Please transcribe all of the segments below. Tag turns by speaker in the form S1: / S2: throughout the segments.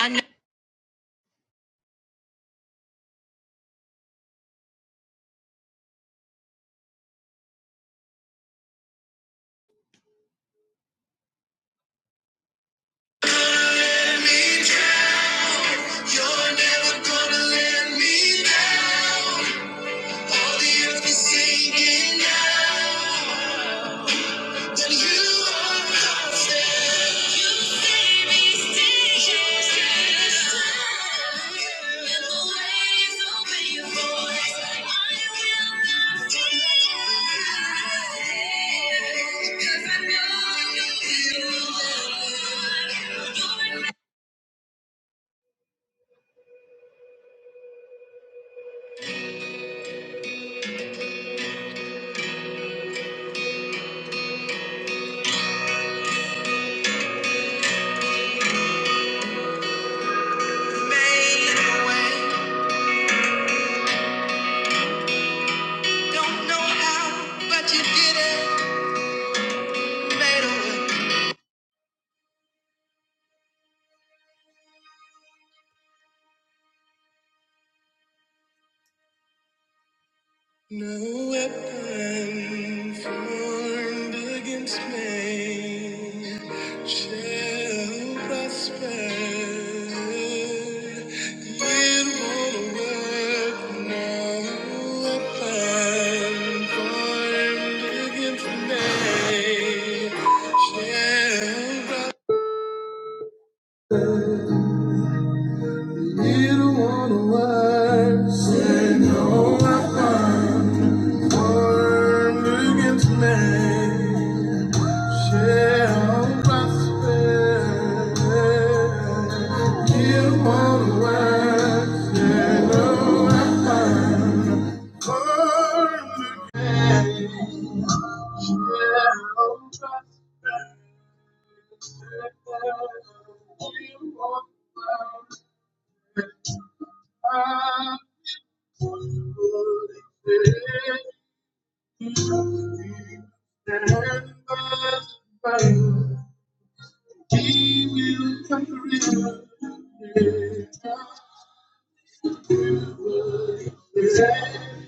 S1: I know you're never gonna let me down. All the earth is sinking now. Then you are my there You say me still. You say me still. And the waves obey your voice. I will not fear. 'Cause I know you. May don't know how, but you made a way. No weapon formed against me shall prosper. It won't work. No weapon formed against me shall prosper. It won't work. Say no weapon formed against me. shall prosper. You won't work, you know I'm fine. Born again, He will come carry the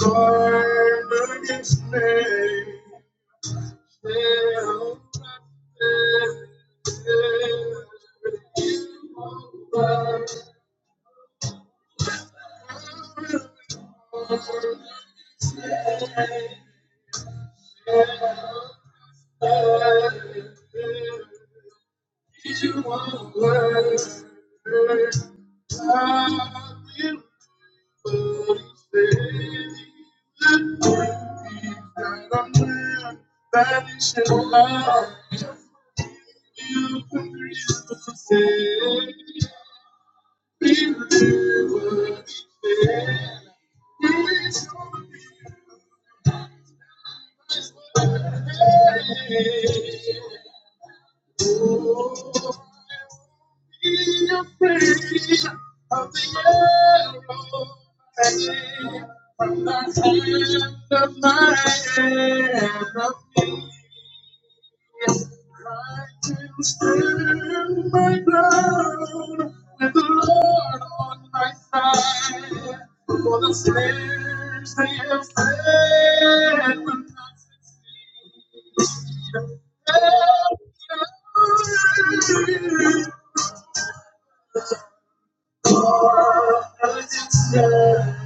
S1: Corner is made. Shall You are worth. That is your love, you can resist. Be The I'm not tired of my enemy. I can stand my ground with the Lord on my side. For the snares they have set will not succeed. Every hour against them.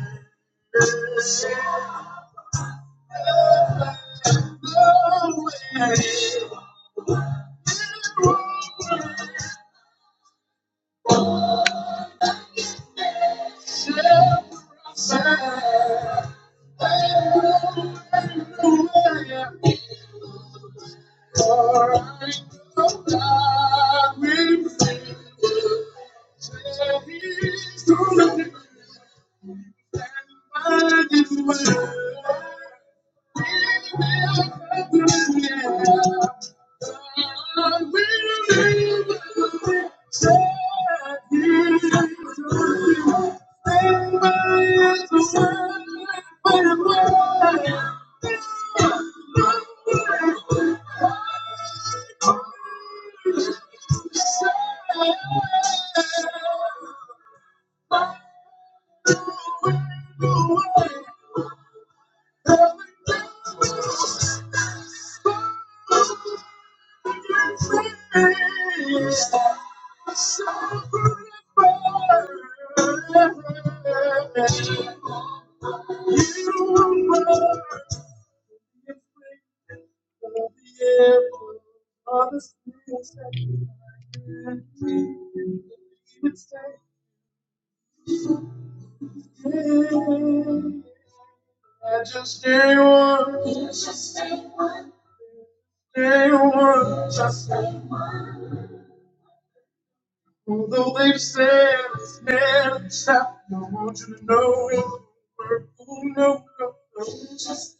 S1: Shall prosper. Thank you. I just stay one, just stay one, just stay. Although they said it's never stop, I want you to know it will work. Oh, no, no, no. Just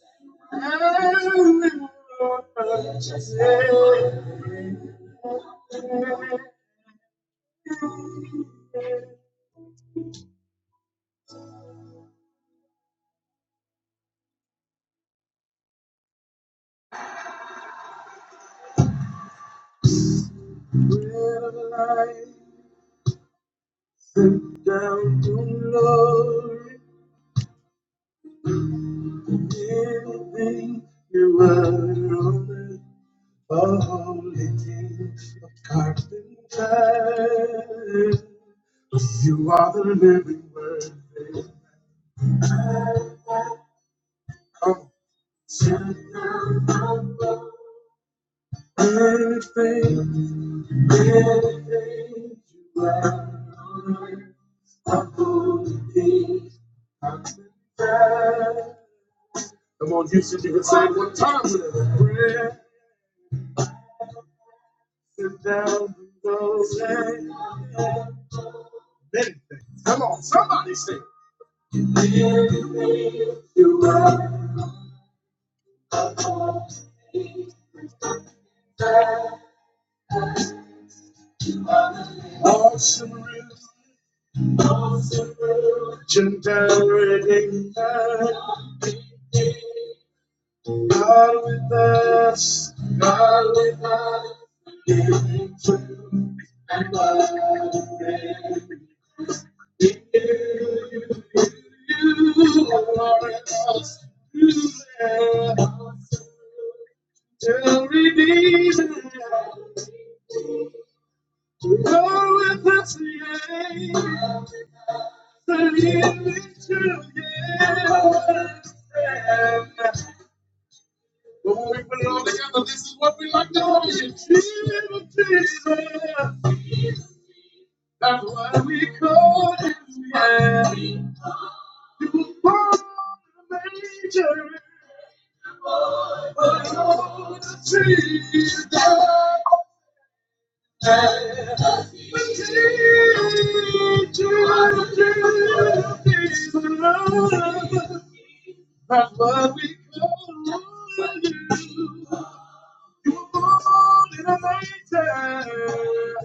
S1: Sit down to glory, anything you are on The holy things of God's in If you are the living word, amen. come on. Sit down and faith, you are on earth. the holy things of God's intent. Come on, Houston, you can say it one time with us. Prayer, sit down, go, say, meditate. Come on, somebody say it. You are awesome, awesome, legendary, King. God God with us, God with us, giving truth and love. You, you are us, you are awesome, to redeem. You are with us, yeah. But when we put it all together, this is what we like to call you, Jesus. That's why we call you Daddy. You were born a major, but you're Jesus. Yeah. Jesus, Jesus, Jesus. That's what we call you. You were born in a lifetime.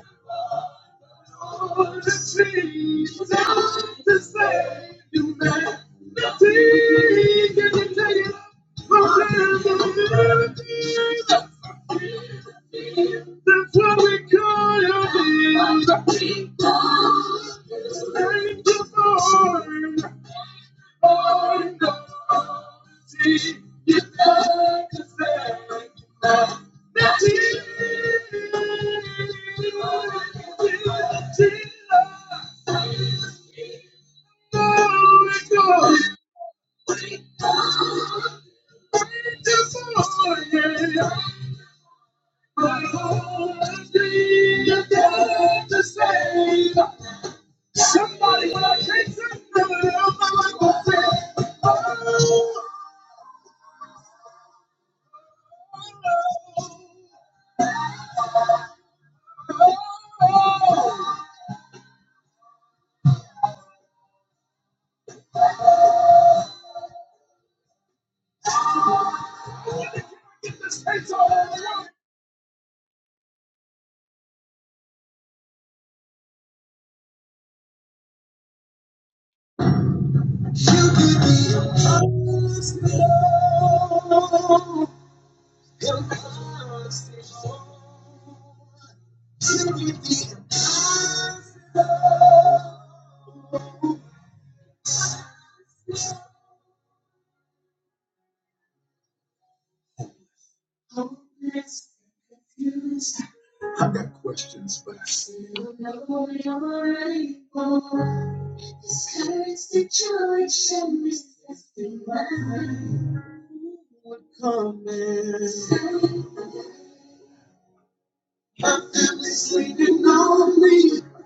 S1: All the Oh, Jesus, to save you, man. Nothing can you take it from the That's what we call you, Jesus. Thank you, Lord. Somebody, when I can't say, I'm not gonna say. I've got questions, but I seem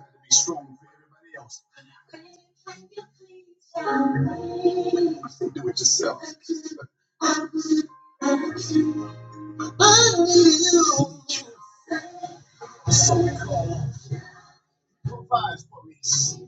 S1: to be strong for everybody else. They do it yourself. So we call provides for us.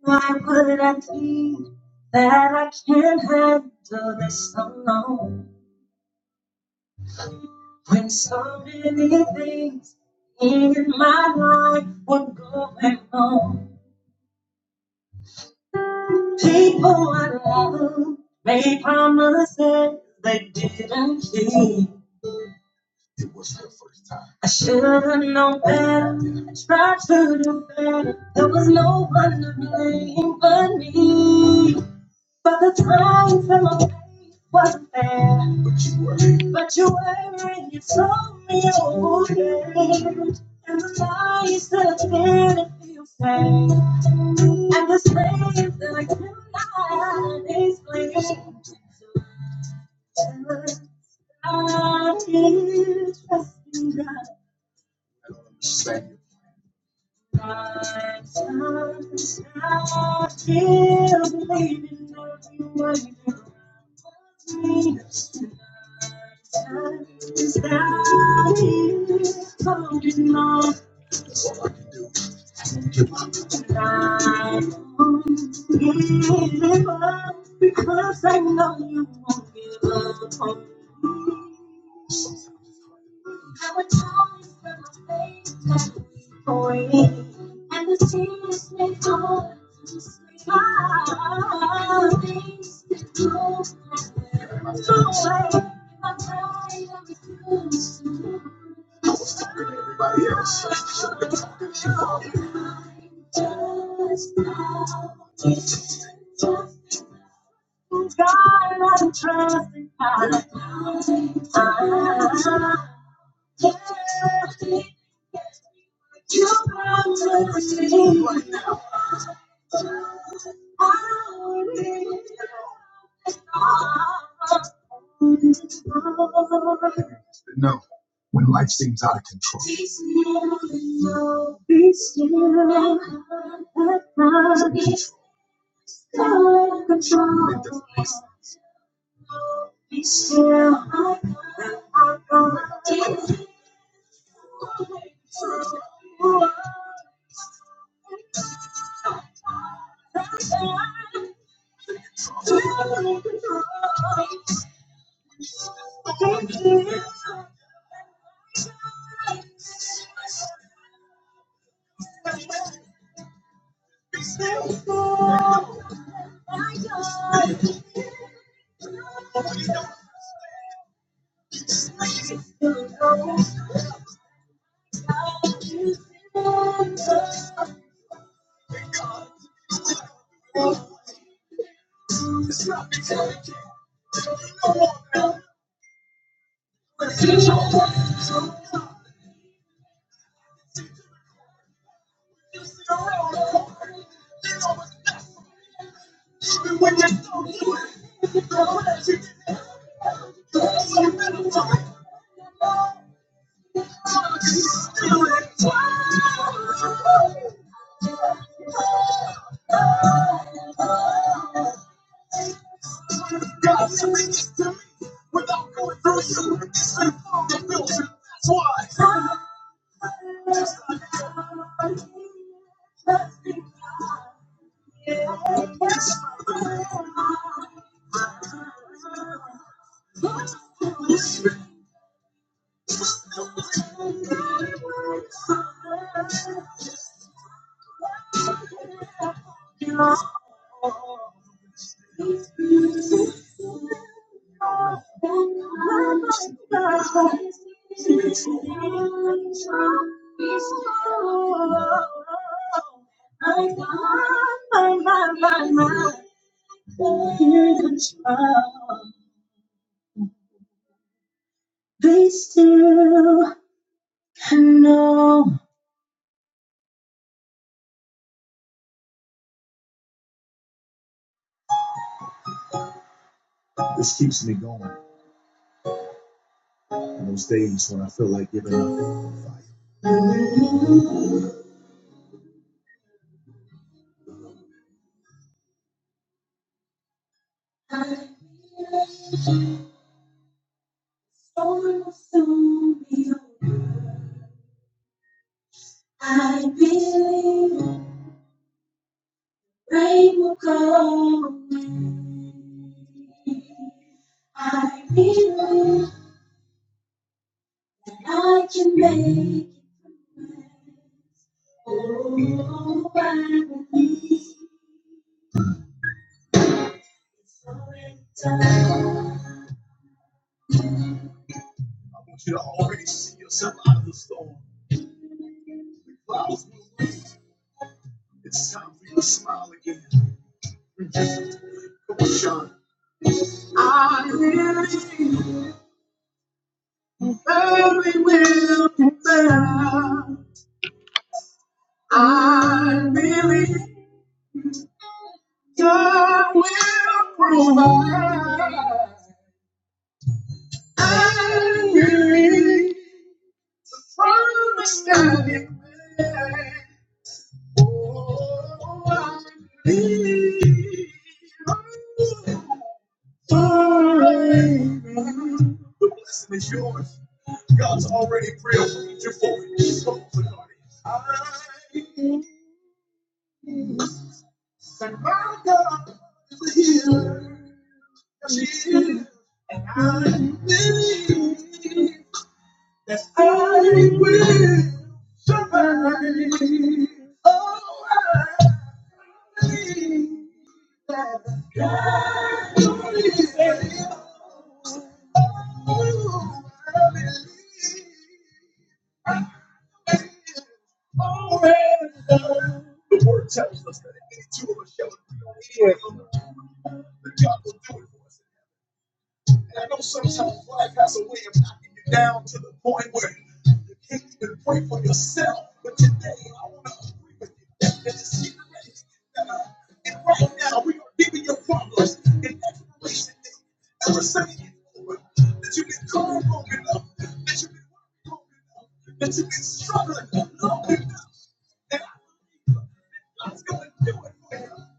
S1: Why would I think that I can't handle this alone? When so many things in my life were going on. People I love made promises they didn't keep. I should have known better. I tried to do better. There was no one to blame but me. But the time for my faith wasn't there. But you were and you told me you were okay. And the lies that I didn't feel safe. And the space that I cannot explain. Just started trusting God. My time, I still believe in every word you told me. Is thou here holding on tonight? Give up because I know you won't give up on me. There were times when my faith had been and the tears may fall to smile. Things that go away, my pride I refuse to lose. Just now, just now, God, I trust in You. I, yeah, You brought me to this moment. I need You now. Be still, be still, at my feet. Take control. Let the voice be still. I am Take control. Thank you. This keeps me going in those days when I feel like giving up. the Storm will soon be over. I believe rain will go away. I believe that I can make it. through. Oh, I believe it's already done. You can already see yourself out of the storm. It's time for you to smile again. Come on, Sean. I believe. Every will confess. I believe God will provide. I believe from the standing man. Oh, I believe. Forever. The blessing is yours. God's already prayed for you for it. So, Lord, I believe. Said my God is a healer. She is. I believe that I will survive. Oh, I,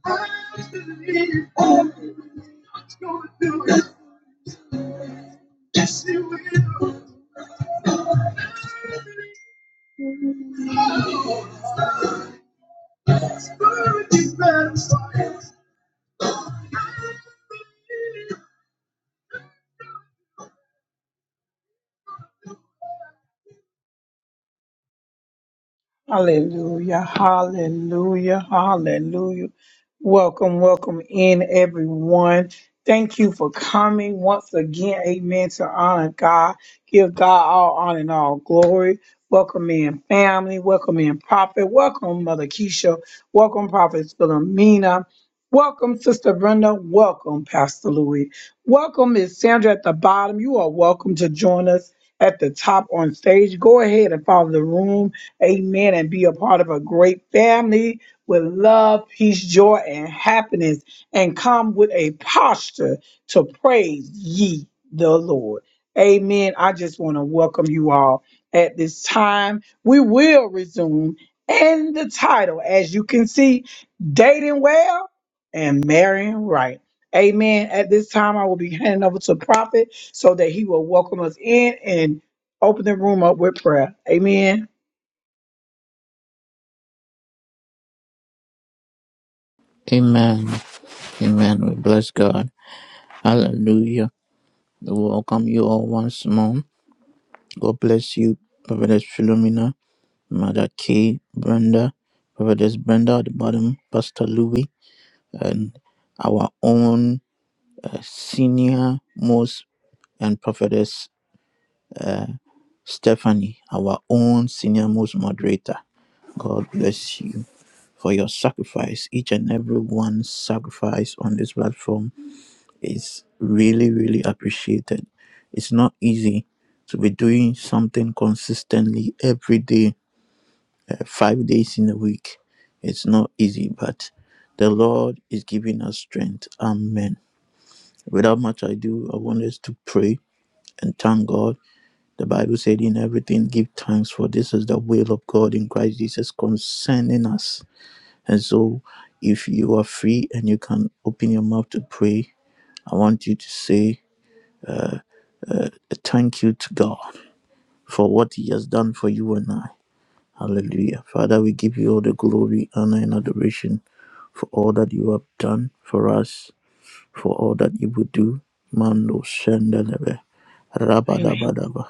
S1: I believe God's going to do it. Yes, He will. He's satisfied. Hallelujah, hallelujah, hallelujah. Welcome in, everyone. for coming once again. Amen. To honor God, give God all honor and all glory. Welcome in family. Welcome in prophet. Welcome Mother Keisha. Welcome Prophet Philomena. Welcome Sister Brenda. Welcome Pastor Louis. Welcome Miss Sandra at the bottom. You are welcome to join us at the top on stage. Go ahead and follow the room. Amen. And be a part of a great family with love, peace, joy, and happiness. And come with a posture to praise ye the Lord. Amen. I just want to welcome you all at this time. We will resume. And the title, as you can see, Dating Well and Marrying Right. Amen. At this time, I will be handing over to Prophet so that he will welcome us in and open the room up with prayer. Amen.
S2: Amen. Amen. We bless God. Hallelujah. We welcome you all once more. God bless you, Prophetess Philomena, Mother Kay, Brenda, Prophetess Brenda at the bottom, Pastor Louis, and our own uh, senior most and Prophetess Stephanie, our own senior most moderator. God bless you for your sacrifice, each and every one's sacrifice on this platform is really, really appreciated. It's not easy to be doing something consistently every day, uh, five days in a week. It's not easy, but the Lord is giving us strength. Amen. Without much ado, I want us to pray and thank God. The Bible said, In everything, give thanks, for this is the will of God in Christ Jesus concerning us. And so, if you are free and you can open your mouth to pray, I want you to say a thank you to God. for what He has done for you and I. Hallelujah. Father, we give you all the glory, honor, and adoration for all that you have done for us, for all that you will do. Mando Shendelebe,
S1: Thank you.
S2: Rabadabadaba,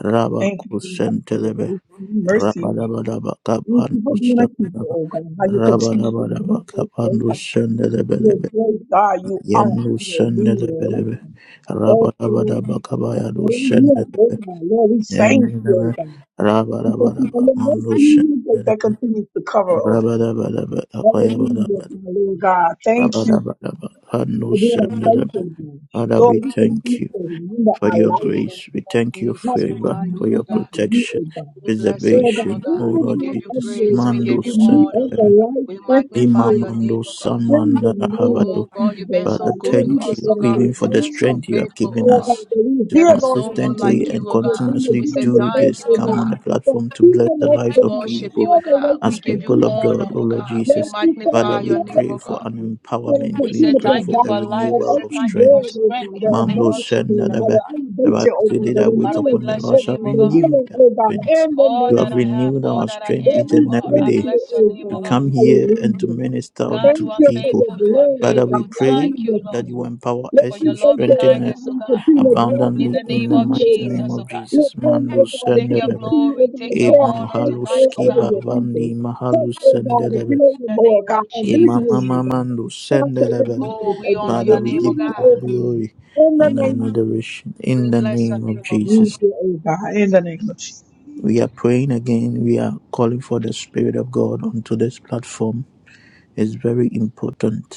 S2: Rabba
S1: Thank you God, for your
S2: Kusentelebe,
S1: grace and mercy.
S2: Rabadabadaba,
S1: Thank you
S2: Kapandu
S1: for being a keeper,
S2: Shendelebe,
S1: oh God. How you continue to meet
S2: Rabadabadaba,
S1: us, oh
S2: Kapandu
S1: God. You're a
S2: Shendelebelebe,
S1: great God. You are.
S2: Yenu
S1: Hallelujah.
S2: Shendelebelebe,
S1: Thank you, Lord.
S2: Rabadabadaba,
S1: Hallelujah.
S2: Kabayadu
S1: Lord, God. Lord, we thank you, oh
S2: Yandaraba,
S1: God. We thank you for
S2: rabarabaraba,
S1: your mercy
S2: manusha,
S1: you God, that
S2: barabe,
S1: continues to cover us.
S2: rabarabaraba,
S1: Hallelujah,
S2: akayabarabar,
S1: my Lord God. Thank you
S2: rabarabaraba,
S1: for being
S2: hanusha,
S1: a faithful
S2: ndarabe.
S1: God.
S2: Father,
S1: Lord,
S2: we
S1: we
S2: thank
S1: continue
S2: you
S1: to remember
S2: for
S1: our
S2: your
S1: life
S3: In the
S2: grace. We
S3: name of
S2: thank you,
S1: and our
S3: Jesus, we
S2: favor,
S3: thank
S2: for
S3: you, O
S2: your
S1: mind
S3: God.
S1: unto you,
S2: protection,
S1: oh God.
S3: We bless your
S1: Lord
S3: name,
S1: God,
S3: O
S2: preservation, O
S3: God.
S1: in the
S3: We
S2: Lord
S1: time
S3: give you
S1: of
S2: Jesus.
S1: Lord
S3: praise. We
S1: God, you
S2: Mando
S3: give you
S1: can meet
S3: honor.
S1: us
S2: sendere,
S1: the right
S3: We magnify your
S1: person,
S3: name,
S2: imamando
S3: O God.
S1: In the name
S2: samandara
S1: of
S3: Oh God,
S1: Jesus,
S3: you've been
S1: oh
S3: so
S2: Father,
S1: God,
S3: good
S1: Lord,
S3: to
S1: we
S2: thank
S1: just
S3: us,
S2: you
S3: O
S1: want to
S3: God.
S1: say
S2: even for
S3: You've
S2: the
S1: thank
S3: been so
S1: you.
S2: strength you have
S3: faithful, O
S2: given
S1: Lord
S3: God.
S1: God,
S2: us
S1: that we
S2: to
S3: There
S1: hear,
S3: is
S1: Lord
S3: no
S1: God, in
S3: one
S1: the
S2: consistently
S3: like
S1: midst
S2: and
S3: you, O
S1: of the
S3: God.
S1: agenda,
S3: We
S2: continuously
S3: say
S1: giving the
S2: do
S1: thanks,
S3: thank you,
S2: this.
S1: oh
S3: O
S2: Come
S1: God,
S2: on
S3: God.
S2: the
S1: for
S2: platform to bless
S1: keeping
S2: the
S1: us,
S2: lives
S3: We
S1: oh
S2: of
S1: God,
S3: worship
S2: people
S3: you, O
S1: all the way
S3: God. We
S2: as
S3: give
S1: until
S3: you
S2: people
S1: this
S2: of
S1: time.
S3: honor,
S2: God, O
S3: O
S2: Lord
S3: God. We
S1: Lord,
S2: Jesus.
S1: we thank
S2: Father,
S3: magnify your
S1: you,
S2: we
S1: oh God,
S3: name,
S2: pray
S3: O
S2: for
S3: God.
S2: an
S1: for the
S2: empowerment.
S3: We
S2: We
S1: continue
S3: say
S1: to
S2: pray
S3: thank
S2: for
S3: you
S2: a
S3: for
S1: provide, for
S3: life.
S1: that
S3: We
S2: renewal
S3: say
S2: of
S1: open
S3: thank you for
S1: doors,
S2: strength.
S1: oh
S3: strength
S1: God,
S3: in
S1: that
S3: the name
S2: Mando
S3: of
S1: abundance, oh
S3: Jesus,
S1: God,
S2: Shandadaba.
S1: the
S3: God.
S2: The Bible
S1: innovation, oh
S2: says
S1: God,
S2: they
S1: the
S2: that wait
S3: Father, we
S1: renewing,
S2: upon the
S3: bless
S2: Lord
S1: oh
S3: your
S2: shall
S3: name,
S1: God,
S3: O
S1: the
S3: God.
S2: renew
S1: healing,
S2: their
S1: oh God,
S2: strength.
S1: in the
S3: All
S2: You
S3: that
S2: have
S1: name of
S3: I have,
S2: renewed
S3: all
S2: our
S3: that I
S2: strength
S1: God,
S3: am,
S2: each
S3: oh
S1: we
S2: and
S3: God,
S2: every
S3: I
S1: thank
S2: day
S1: you,
S3: bless your
S1: oh
S3: name,
S2: to
S3: oh
S1: God,
S3: God.
S2: come here and to
S1: hallelujah.
S2: minister
S3: God,
S2: unto
S3: you
S1: Thank
S3: are
S1: you for
S2: people.
S1: your
S3: faithful, you are
S1: glory, oh
S2: Father,
S1: God.
S2: we
S3: faithful.
S2: pray
S3: Thank you,
S1: Hallelujah,
S3: Lord,
S2: that you
S1: Jesus.
S2: empower
S1: Lord,
S3: for
S2: us,
S3: your
S2: you
S1: we thank
S3: loving
S1: you,
S2: strengthen
S1: oh
S2: us
S1: God,
S3: kindness,
S1: how
S3: oh
S1: you
S3: God.
S1: continue to draw
S3: In
S2: abundantly
S1: people
S3: the
S2: in
S3: name
S1: into
S2: the
S3: of
S1: you, oh
S2: mighty name
S3: Jesus,
S1: God.
S3: oh
S2: of
S3: God.
S1: We're
S2: Jesus.
S1: praying, oh
S2: Mandu
S1: God, that
S3: Take
S1: you
S3: your
S2: sendelebe,
S1: continue, oh
S3: glory,
S1: God, to
S3: take your
S2: e
S1: pour out
S3: honor
S1: fresh
S3: tonight,
S1: oil
S3: oh
S2: mahaluski
S1: over
S3: God.
S1: your people.
S2: bavandi
S1: Touch,
S2: mahalus
S1: oh God, the
S2: sendelebe,
S1: creative,
S3: In the
S1: oh
S3: name of
S1: God, of
S2: e
S1: this
S3: Jesus.
S1: room,
S2: mama
S1: oh God.
S2: mandu
S1: Prosper the
S2: sendelebe.
S3: Oh,
S1: confidence,
S3: we
S1: oh
S3: honor
S1: God.
S2: Father,
S3: your
S2: we
S3: name, oh
S2: give
S1: Remove
S2: you
S1: it,
S2: all
S3: God.
S2: the
S1: oh God.
S2: glory
S1: In the
S2: and the
S1: name of
S2: adoration
S3: We
S2: in the
S3: bless your
S2: name of
S3: name, oh God.
S2: Jesus.
S1: Jesus, oh God. In the name of Jesus.
S2: We are praying again. We are calling for the Spirit of God onto this platform. It's very important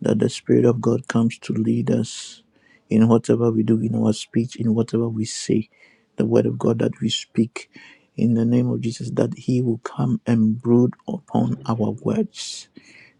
S2: that the Spirit of God comes to lead us in whatever we do, in our speech, in whatever we say, the Word of God that we speak in the name of Jesus, that He will come and brood upon our words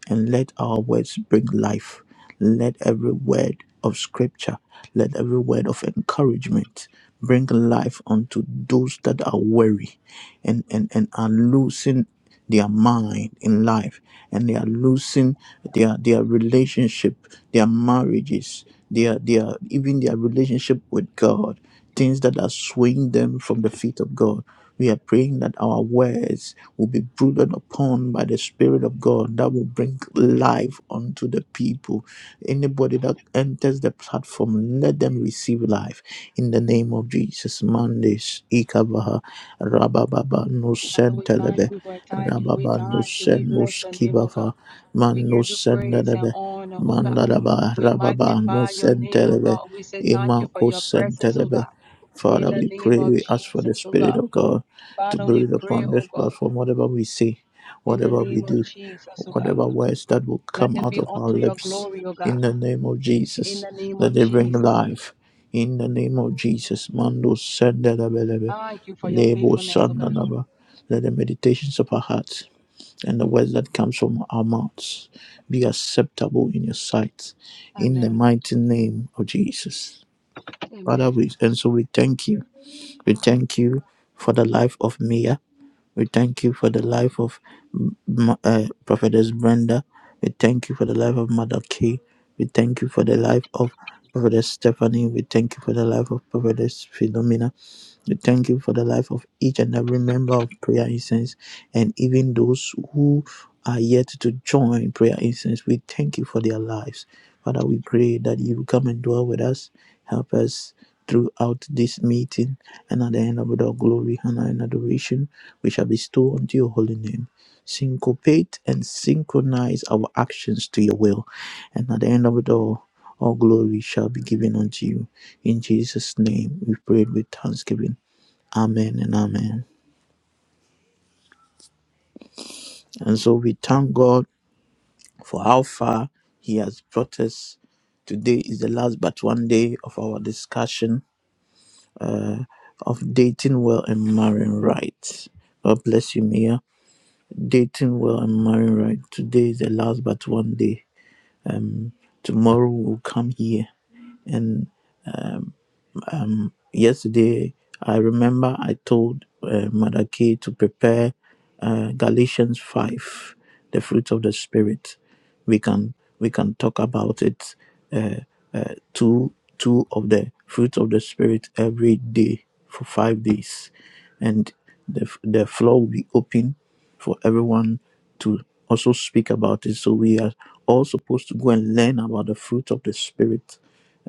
S2: and let our words bring life. Let every word of scripture, let every word of encouragement bring life unto those that are weary and, and, and are losing their mind in life and they are losing their their relationship, their marriages, their their even their relationship with God things that are swaying them from the feet of God. We are praying that our words will be brooded upon by the Spirit of God that will bring life unto the people. Anybody that enters the platform, let them receive life in the name of Jesus. Mandis, Ikavaha, Rabababa,
S3: Father,
S2: Nusen
S3: we thank
S2: Telebe,
S3: you, we thank you, we
S2: Rababa,
S3: thank you, we
S2: Nusen,
S3: bless your name, oh God.
S2: Nuskivava,
S3: We
S2: Man
S3: give you
S2: Nusen
S3: praise and
S2: Nelebe,
S3: honor, oh God.
S2: Mandalaba,
S3: We
S2: Rababa,
S3: magnify your
S2: Nusen
S3: name, oh
S2: Telebe,
S3: God. We say thank you for
S2: Imako
S3: your presence, oh God. In
S2: Father,
S3: the
S2: we
S3: name
S2: pray,
S3: of
S2: we ask for the
S3: Jesus, oh
S2: Spirit
S3: God.
S2: of God to
S3: Father, we
S2: breathe
S3: pray,
S2: upon
S3: oh
S2: this
S3: God.
S2: platform, whatever we say,
S3: In the
S2: whatever we
S3: name of
S2: do,
S3: Jesus, oh God.
S2: whatever words that will
S3: Let
S2: come
S3: it
S2: out
S3: be
S2: of our
S3: unto your
S2: lips.
S3: glory, oh God.
S2: In the name of
S3: In
S2: Jesus,
S3: the name of
S2: let it bring
S3: Jesus, oh God.
S2: life. In the name of Jesus, Mando Sandelebelebe,
S3: Thank you for your
S2: Lebo
S3: faithfulness, oh God.
S2: Sandanaba, let the meditations of our hearts and the words that comes from our mouths be acceptable in your sight. In the
S3: Amen.
S2: mighty name of Jesus.
S3: Amen.
S2: Father, we, and so we thank you we thank you for the life of Mia. We thank you for the life of M- uh, Prophetess Brenda. We thank you for the life of Mother Kay. We thank you for the life of Prophetess Stephanie. We thank you for the life of Prophetess Philomena. We thank you for the life of each and every member of Prayer Incense and even those who are yet to join Prayer Incense. We thank you for their lives. Father, we pray that you come and dwell with us. Help us throughout this meeting and at the end of it all glory, honor, and adoration, we shall bestow unto your holy name. Syncopate and synchronize our actions to your will. And at the end of it all, all glory shall be given unto you. In Jesus' name, we prayed with thanksgiving. Amen and amen. And so we thank God for how far He has brought us. Today is the last but one day of our discussion of dating well and marrying right. God bless you, Mia. Dating well and marrying right. Today is the last but one day. Um, tomorrow we'll come here and. yesterday i remember i told uh, mother Kay to prepare uh, galatians 5 the fruit of the spirit we can we can talk about it two two of the fruit of the spirit every day for five days and the, f- the floor will be open for everyone to also speak about it so we are all supposed to go and learn about the fruit of the spirit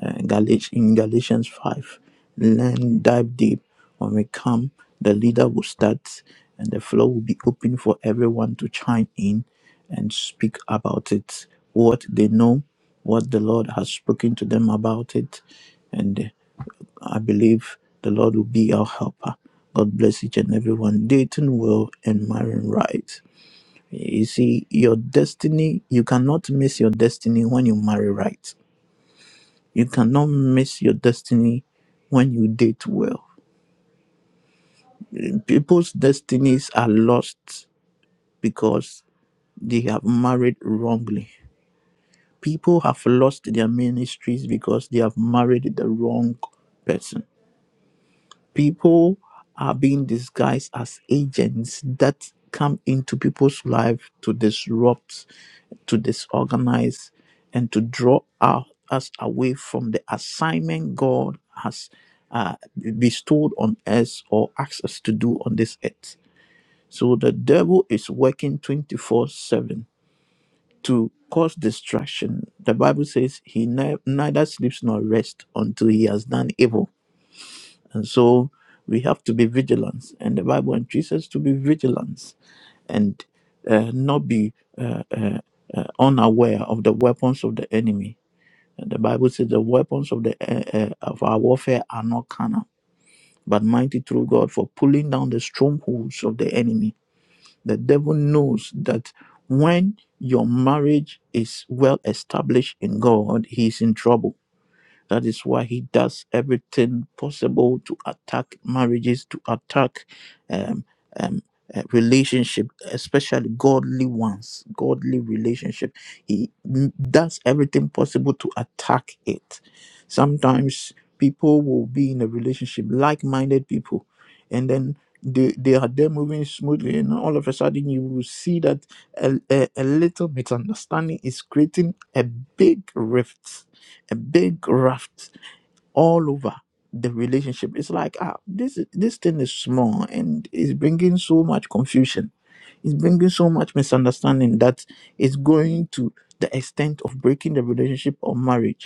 S2: uh, Galat- in Galatians 5. Learn, dive deep. When we come, the leader will start and the floor will be open for everyone to chime in and speak about it, what they know, what the Lord has spoken to them about it. And I believe the Lord will be our helper. God bless each and everyone. Dayton will and marrying right. You see, your destiny, you cannot miss your destiny when you marry right you cannot miss your destiny when you date well. People's destinies are lost because they have married wrongly. People have lost their ministries because they have married the wrong person. People are being disguised as agents that come into people's life to disrupt to disorganize and to draw our, us away from the assignment God has uh, bestowed on us or asked us to do on this earth. So the devil is working 24 7 to cause distraction. The Bible says he ne- neither sleeps nor rests until he has done evil. And so we have to be vigilant, and the Bible entreats us to be vigilant and uh, not be uh, uh, uh, unaware of the weapons of the enemy. And the Bible says the weapons of the uh, uh, of our warfare are not carnal, but mighty through God for pulling down the strongholds of the enemy. The devil knows that when your marriage is well established in God, he is in trouble that is why he does everything possible to attack marriages, to attack um, um, uh, relationship, especially godly ones, godly relationship. He m- does everything possible to attack it. Sometimes people will be in a relationship, like-minded people, and then they, they are there moving smoothly, and all of a sudden you will see that a, a, a little misunderstanding is creating a big rift a big raft all over the relationship. It's like ah, this this thing is small and it's bringing so much confusion. It's bringing so much misunderstanding that it's going to the extent of breaking the relationship or marriage.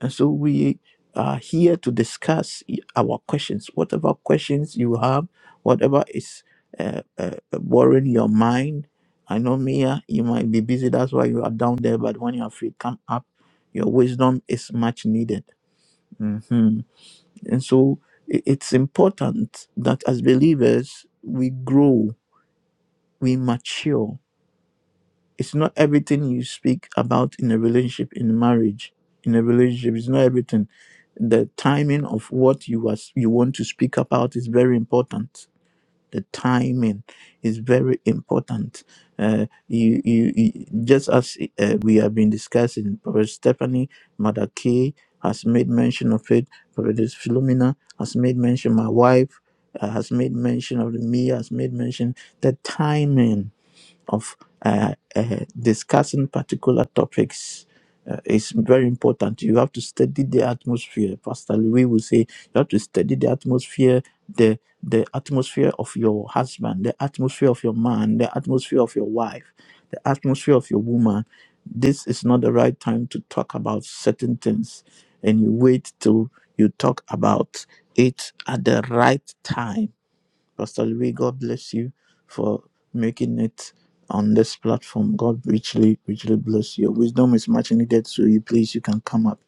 S2: And so we are here to discuss our questions. Whatever questions you have, whatever is uh, uh, worrying your mind. I know, Mia, you might be busy. That's why you are down there. But when you are free, come up. Your wisdom is much needed. Mhm. And so i- it's important that as believers, we grow, we mature it's not everything you speak about in a relationship in marriage in a relationship it's not everything the timing of what you are you want to speak about is very important the timing is very important uh, you, you you just as uh, we have been discussing Professor stephanie mother Kay has made mention of it Professor philomena has made mention my wife uh, has made mention of it. me has made mention the timing of uh, uh, discussing particular topics uh, is very important. You have to study the atmosphere. Pastor Louis will say you have to study the atmosphere, the the atmosphere of your husband, the atmosphere of your man, the atmosphere of your wife, the atmosphere of your woman. This is not the right time to talk about certain things, and you wait till you talk about it at the right time Pastor Louis, God bless you for making it on this platform. God richly, richly bless you. Your Wisdom is much needed, so you please you can come up.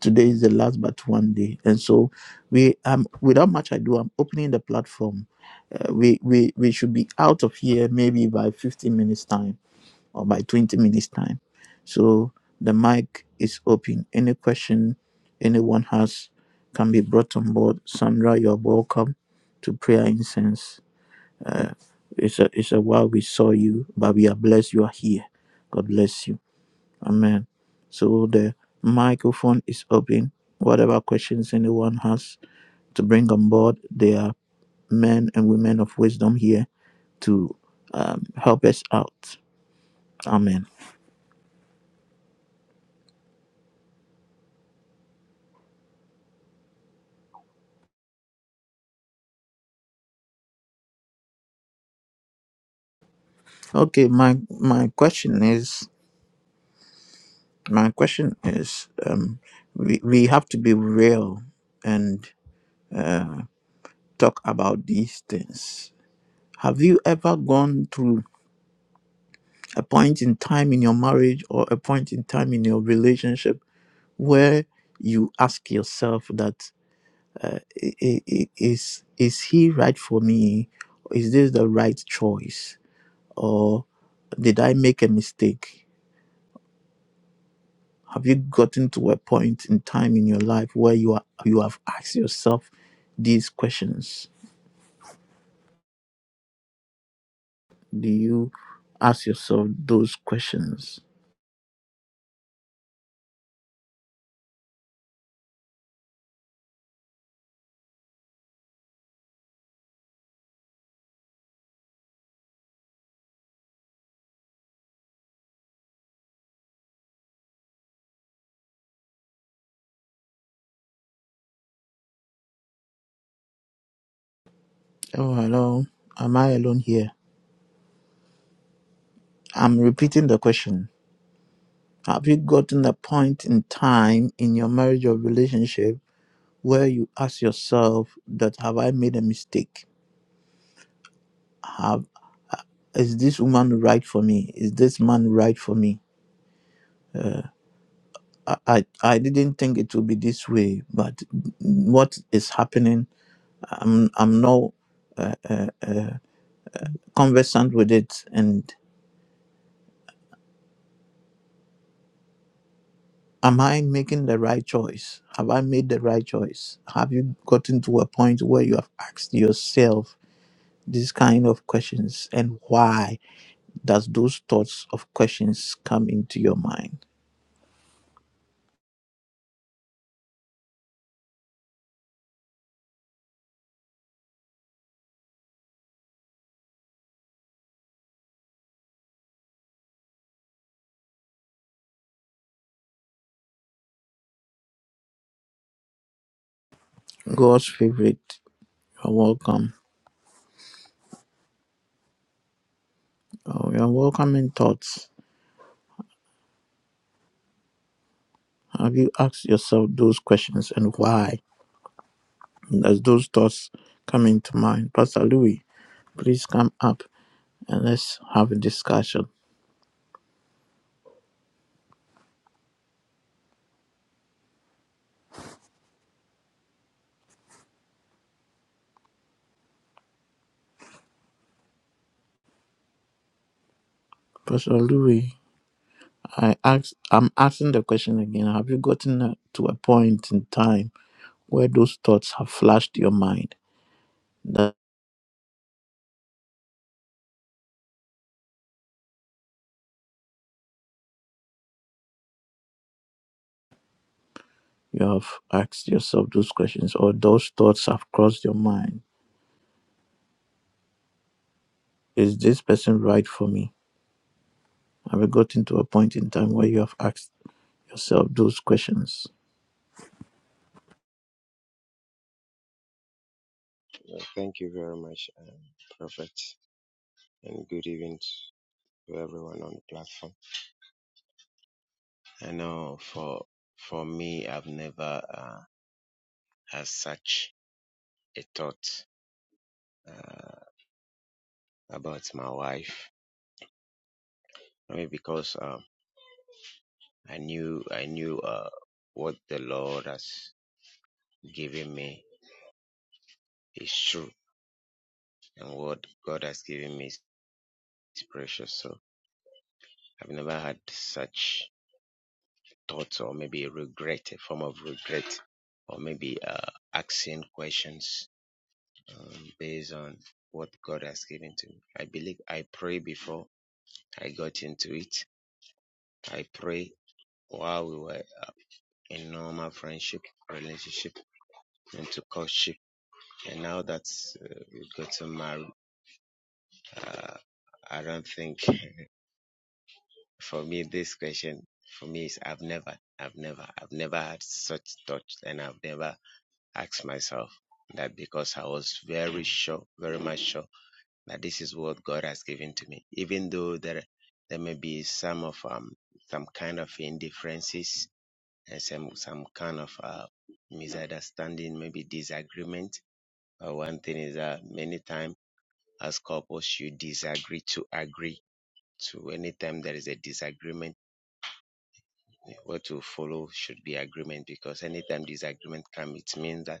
S2: Today is the last but one day, and so we um without much ado, I'm opening the platform. Uh, we we we should be out of here maybe by 15 minutes time or by 20 minutes time. So the mic is open. Any question anyone has can be brought on board. Sandra, you're welcome to prayer incense uh, it's a it's a while we saw you, but we are blessed you are here. God bless you. Amen. So the microphone is open. Whatever questions anyone has to bring on board, there are men and women of wisdom here to um, help us out. Amen. Okay, my my question is my question is um, we we have to be real and uh, talk about these things. Have you ever gone through a point in time in your marriage or a point in time in your relationship where you ask yourself that uh, i- i- i- is is he right for me is this the right choice or did i make a mistake have you gotten to a point in time in your life where you are you have asked yourself these questions do you ask yourself those questions oh hello am i alone here i'm repeating the question Have you gotten a point in time in your marriage or relationship where you ask yourself that have I made a mistake? Have is this woman right for me? Is this man right for me? Uh, I, I I didn't think it would be this way, but what is happening? I'm I'm no uh, uh, uh, conversant with it, and am I making the right choice? Have I made the right choice? Have you gotten to a point where you have asked yourself? these kind of questions and why does those thoughts of questions come into your mind god's favorite you're welcome oh, you're welcoming thoughts have you asked yourself those questions and why does those thoughts come into mind pastor louis please come up and let's have a discussion pastor louis i ask i'm asking the question again have you gotten uh, to a point in time where those thoughts have flashed your mind You have asked yourself those questions, or those thoughts have crossed your mind. Is this person right for me? Have you gotten to a point in time where you have asked yourself those questions?
S4: Thank you very much, um, Prophet, and good evening to everyone on the platform. I know for for me, I've never uh, had such a thought uh, about my wife. I mean, because um, I knew I knew uh, what the Lord has given me is true, and what God has given me is precious. So I've never had such thoughts, or maybe regret, a form of regret, or maybe uh, asking questions um, based on what God has given to me. I believe I prayed before I got into it. I pray while we were in normal friendship, relationship, into courtship, and now that uh, we've gotten married, uh, I don't think for me this question for me is I've never, I've never, I've never had such thoughts, and I've never asked myself that because I was very sure, very much sure that this is what God has given to me. Even though there there may be some of um some kind of indifferences and some some kind of uh, misunderstanding, maybe disagreement. But one thing is that many times as couples you disagree to agree. So anytime there is a disagreement, what to follow should be agreement because anytime disagreement comes, it means that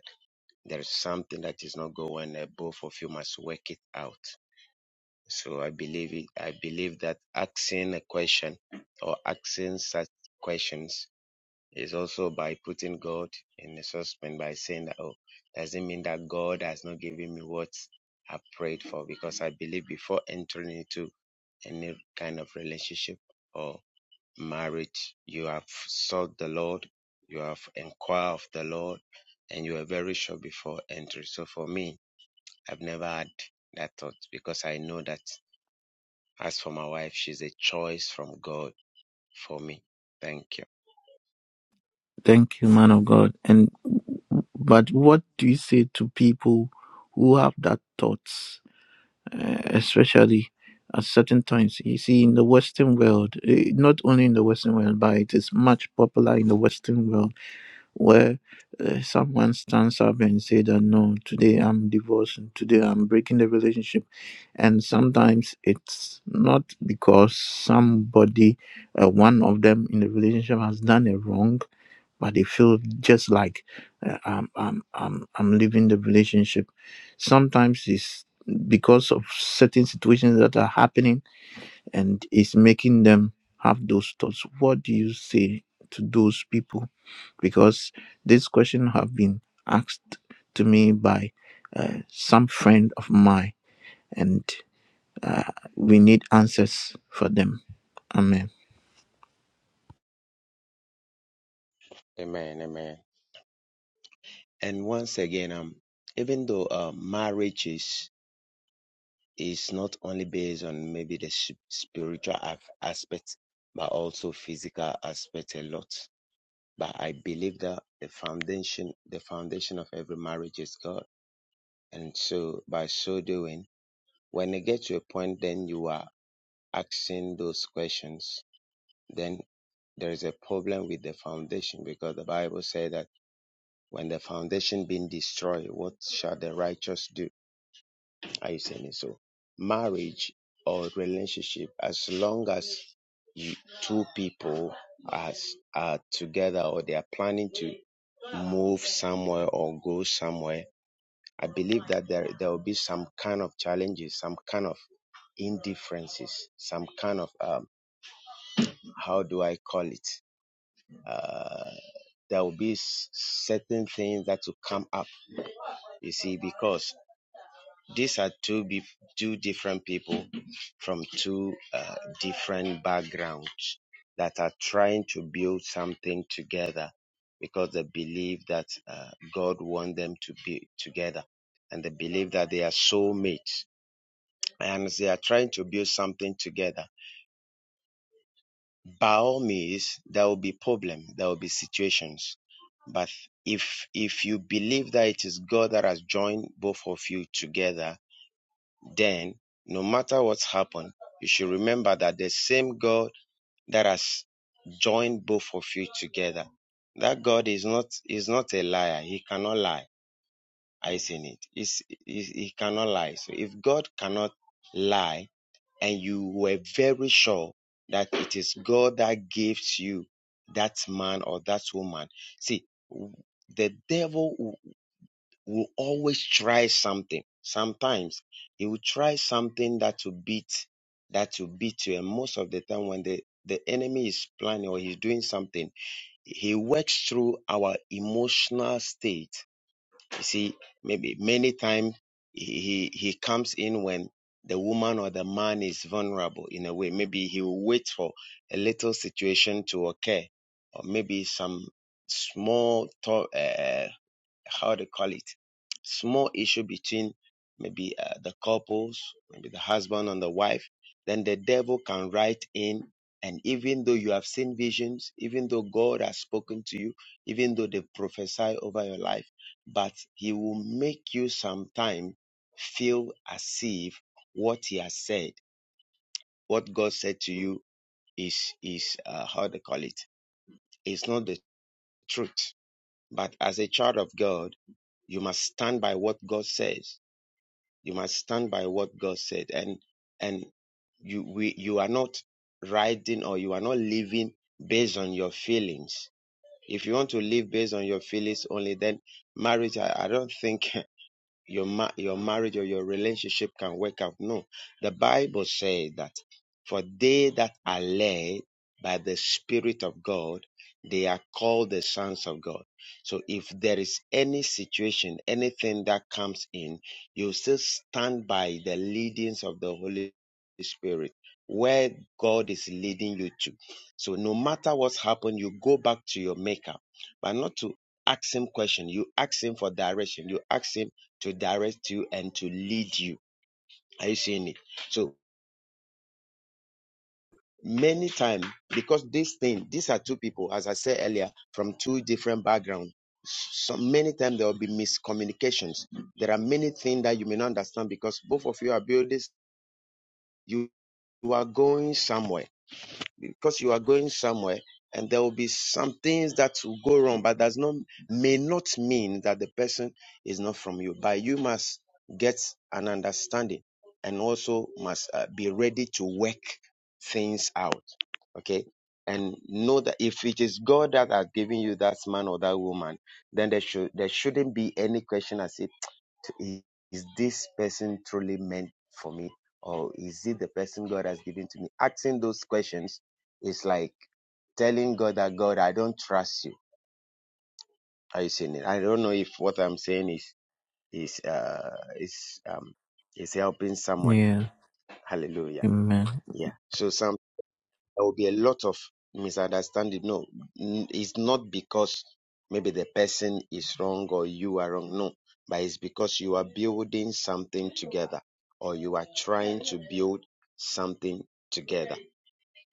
S4: there is something that is not going well and both of you must work it out So I believe it, I believe that asking a question or asking such questions is also by putting God in the suspense by saying that oh doesn't mean that God has not given me what I prayed for because I believe before entering into any kind of relationship or marriage you have sought the Lord you have inquired of the Lord and you are very sure before entering so for me I've never had that thought because I know that as for my wife, she's a choice from God for me. Thank you.
S2: Thank you, man of God. And but what do you say to people who have that thoughts, uh, especially at certain times? You see, in the Western world, eh, not only in the Western world, but it is much popular in the Western world where uh, someone stands up and say that no today i'm divorcing today i'm breaking the relationship and sometimes it's not because somebody uh, one of them in the relationship has done a wrong but they feel just like uh, I'm, I'm i'm i'm leaving the relationship sometimes it's because of certain situations that are happening and it's making them have those thoughts. What do you say to those people? Because this question have been asked to me by uh, some friend of mine, and uh, we need answers for them. Amen.
S4: Amen. Amen. And once again, um, even though uh, marriage is is not only based on maybe the s- spiritual af- aspect, but also physical aspect a lot. But I believe that the foundation, the foundation of every marriage is God. And so, by so doing, when you get to a point, then you are asking those questions. Then. there is a problem with the foundation because the Bible says that when the foundation being destroyed, what shall the righteous do? Are you saying it? So marriage or relationship, as long as you, two people as are together or they are planning to move somewhere or go somewhere, I believe that there there will be some kind of challenges, some kind of indifferences, some kind of um, how do I call it? Uh, there will be s- certain things that will come up, you see, because these are two, be- two different people from two uh, different backgrounds that are trying to build something together because they believe that uh, God wants them to be together and they believe that they are soulmates and they are trying to build something together by all means there will be problem there will be situations but if if you believe that it is god that has joined both of you together then no matter what's happened you should remember that the same god that has joined both of you together that god is not is not a liar he cannot lie I not it He's- he, he cannot lie so if god cannot lie and you were very sure that it is God that gives you that man or that woman. See, the devil will always try something. Sometimes he will try something that will beat, that will beat you. And most of the time, when the, the enemy is planning or he's doing something, he works through our emotional state you see, maybe many times he, he he comes in when the woman or the man is vulnerable in a way. Maybe he will wait for a little situation to occur, or maybe some small talk how they call it, small issue between maybe uh, the couples, maybe the husband and the wife, then the devil can write in. And even though you have seen visions, even though God has spoken to you, even though they prophesy over your life, but he will make you sometime feel as if what he has said, what God said to you is, is, uh, how they call it, is not the truth. But as a child of God, you must stand by what God says. You must stand by what God said. And and you we you are not writing or you are not living based on your feelings. If you want to live based on your feelings only, then marriage I, I don't think your ma- your marriage or your relationship can work out. No, the Bible says that for they that are led by the Spirit of God, they are called the sons of God. So if there is any situation, anything that comes in, you still stand by the leadings of the Holy Spirit. Where God is leading you to. So no matter what's happened, you go back to your maker, but not to ask him question. You ask him for direction. You ask him to direct you and to lead you. Are you seeing it? So many times, because this thing, these are two people, as I said earlier, from two different backgrounds. So many times there will be miscommunications. There are many things that you may not understand because both of you are builders. You, you are going somewhere. because you are going somewhere and there will be some things that will go wrong, but does not may not mean that the person is not from you. But you must get an understanding and also must uh, be ready to work things out. Okay. And know that if it is God that has given you that man or that woman, then there should there shouldn't be any question as if to- is this person truly meant for me or is it the person god has given to me asking those questions is like telling god that god i don't trust you are you seeing it i don't know if what i'm saying is is uh is um is helping someone
S2: Yeah.
S4: hallelujah
S2: Amen.
S4: yeah so some. there will be a lot of misunderstanding. No, n- it's not because maybe the person is wrong or you are wrong. No, but it's because you are building something together or you are trying to build something together.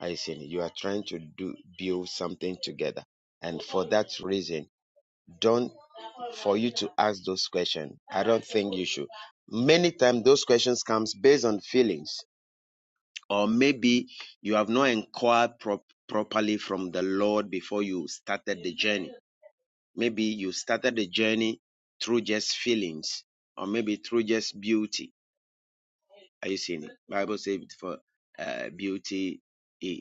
S4: I see. You are trying to do build something together. And for that reason, don't for you to ask those questions. I don't think you should. Many times those questions comes based on feelings or maybe you have not inquired prop properly from the Lord before you started the journey. Maybe you started the journey through just feelings, or maybe through just beauty are you seeing it? Bible says for uh, beauty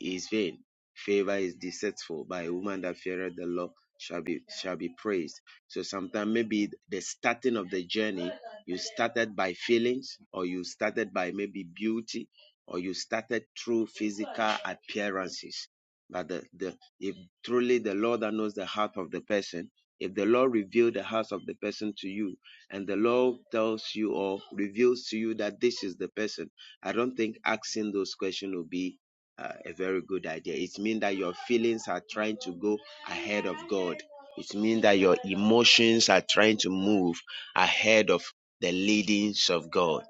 S4: is vain, favor is deceitful. By a woman that feareth the Lord shall be shall be praised. So sometimes maybe the starting of the journey, you started by feelings, or you started by maybe beauty, or you started through physical appearances. But the, the if truly the Lord that knows the heart of the person, if the Lord revealed the heart of the person to you, and the law tells you or reveals to you that this is the person, I don't think asking those questions will be uh, a very good idea. It means that your feelings are trying to go ahead of God. It means that your emotions are trying to move ahead of the leadings of God.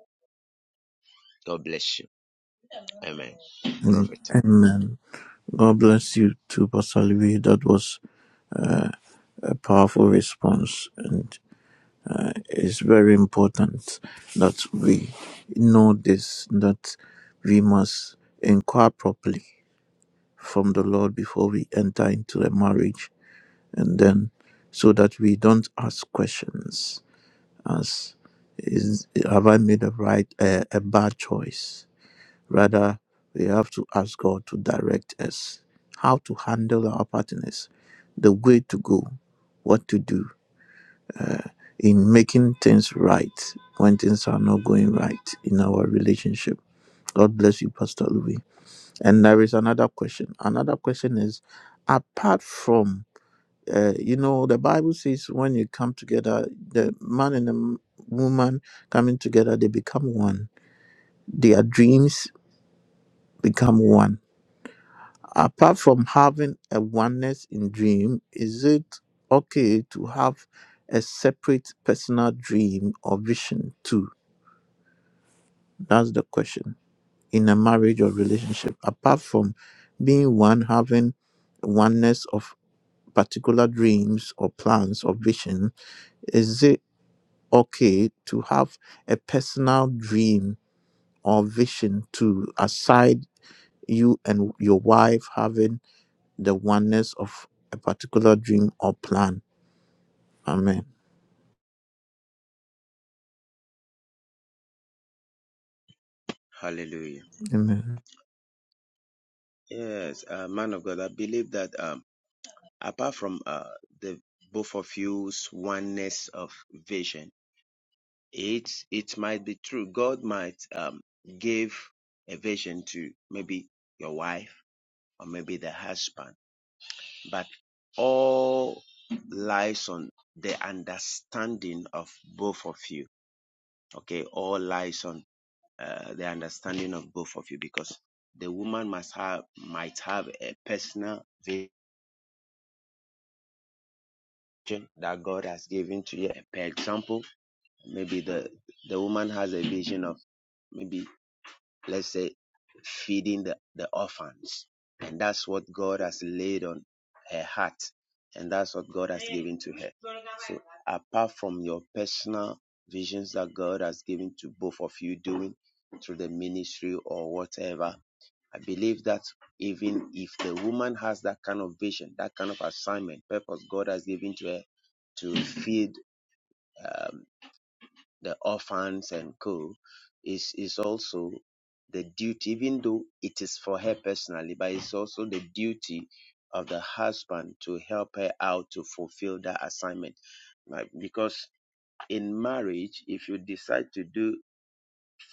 S4: God bless you. Amen.
S2: Mm,
S4: Prophet.
S2: Amen. God bless you too, Pastor Louis. That was a powerful response, and it's very important that we know this that we must inquire properly from the lord before we enter into a marriage and then so that we don't ask questions as is have i made a right uh, a bad choice rather we have to ask god to direct us how to handle our partners the way to go what to do in making things right when things are not going right in our relationship. God bless you, Pastor Louis. And there is another question. Another question is apart from, uh, you know, the Bible says when you come together, the man and the woman coming together, they become one. Their dreams become one. Apart from having a oneness in dream, is it okay to have a separate personal dream or vision too? That's the question. In a marriage or relationship, apart from being one, having oneness of particular dreams or plans or vision, is it okay to have a personal dream or vision to aside you and your wife having the oneness of a particular dream or plan? Amen.
S4: Hallelujah.
S2: Amen.
S4: Yes, uh, man of God, I believe that um, apart from uh, the both of you's oneness of vision, it it might be true. God might um give a vision to maybe your wife or maybe the husband, but all lies on the understanding of both of you. Okay, all lies on uh, the understanding of both of you because the woman must have might have a personal vision that God has given to you. Per example, maybe the the woman has a vision of maybe let's say feeding the, the orphans and that's what god has laid on her heart and that's what god has given to her so apart from your personal visions that god has given to both of you doing through the ministry or whatever i believe that even if the woman has that kind of vision that kind of assignment purpose god has given to her to feed um, the orphans and co is is also the duty even though it is for her personally but it's also the duty of the husband to help her out to fulfill that assignment Like, because in marriage if you decide to do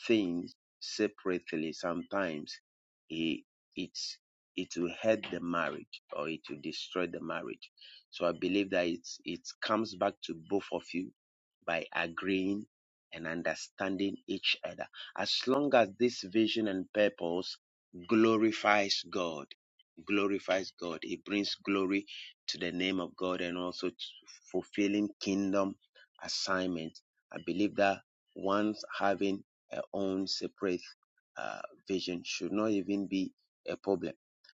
S4: things separately, sometimes it, it's it will hurt the marriage or it will destroy the marriage. So I believe that it's it comes back to both of you by agreeing and understanding each other. As long as this vision and purpose glorifies God, glorifies God, it brings glory to the name of God and also to fulfilling kingdom assignment. I believe that once having uh, own separate uh, vision should not even be a problem.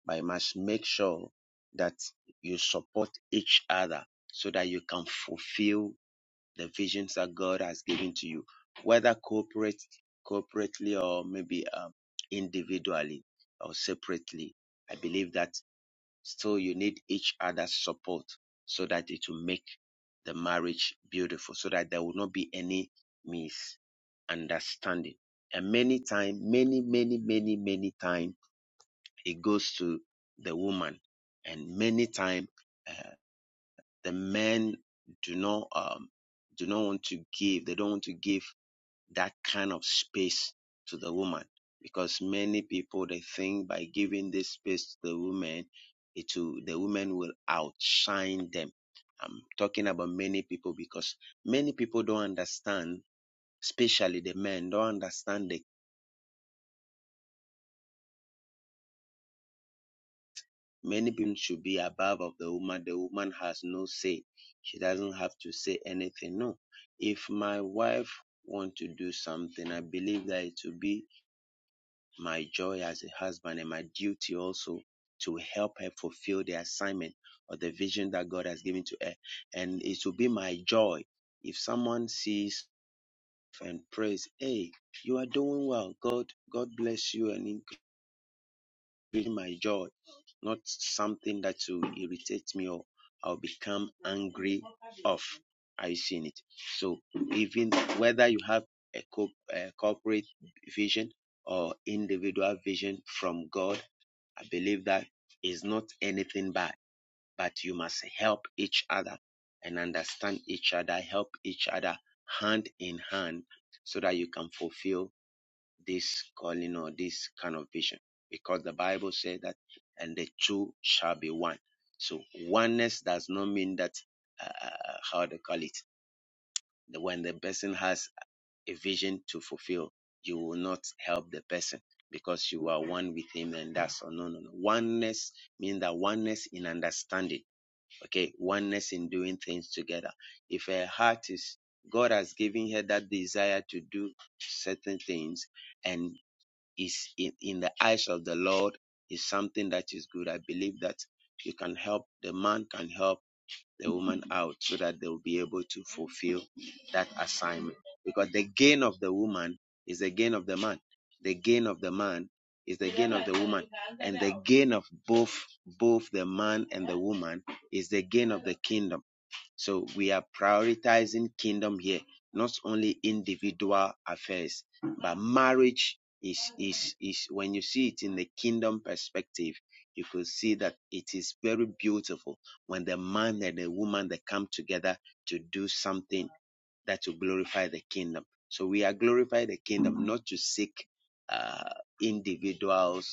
S4: But you must make sure that you support each other so that you can fulfill the visions that God has given to you, whether corporate, corporately or maybe um, individually or separately. I believe that Still, you need each other's support so that it will make the marriage beautiful, so that there will not be any misunderstanding. And many time, many, many, many, many time, it goes to the woman, and many time uh, the men do not um, do not want to give. They don't want to give that kind of space to the woman because many people they think by giving this space to the woman it will, the woman will outshine them i'm talking about many people because many people don't understand especially the men don't understand that many people should be above of the woman the woman has no say she doesn't have to say anything no if my wife want to do something i believe that it will be my joy as a husband and my duty also to help her fulfill the assignment or the vision that God has given to her. And it will be my joy if someone sees and prays, Hey, you are doing well. God, God bless you and increase my joy. Not something that will irritate me or I'll become angry of. Are you seeing it? So even whether you have a, co- a corporate vision or individual vision from God, I believe that is not anything bad, but you must help each other and understand each other, help each other hand in hand so that you can fulfill this calling or this kind of vision. Because the Bible says that, and the two shall be one. So oneness does not mean that, uh, uh, how they call it, when the person has a vision to fulfill, you will not help the person because you are one with him and that's all. No, no, no. Oneness means that oneness in understanding. Okay. Oneness in doing things together. If her heart is, God has given her that desire to do certain things and is in, in the eyes of the Lord is something that is good. I believe that you can help, the man can help the woman out so that they'll be able to fulfill that assignment. Because the gain of the woman is the gain of the man. The gain of the man is the gain of the woman. And the gain of both both the man and the woman is the gain of the kingdom so we are prioritizing kingdom here, not only individual affairs, but marriage is is is when you see it in the kingdom perspective, you could see that it is very beautiful when the man and the woman they come together to do something that will glorify the kingdom. So we are glorifying the kingdom not to seek uh, individuals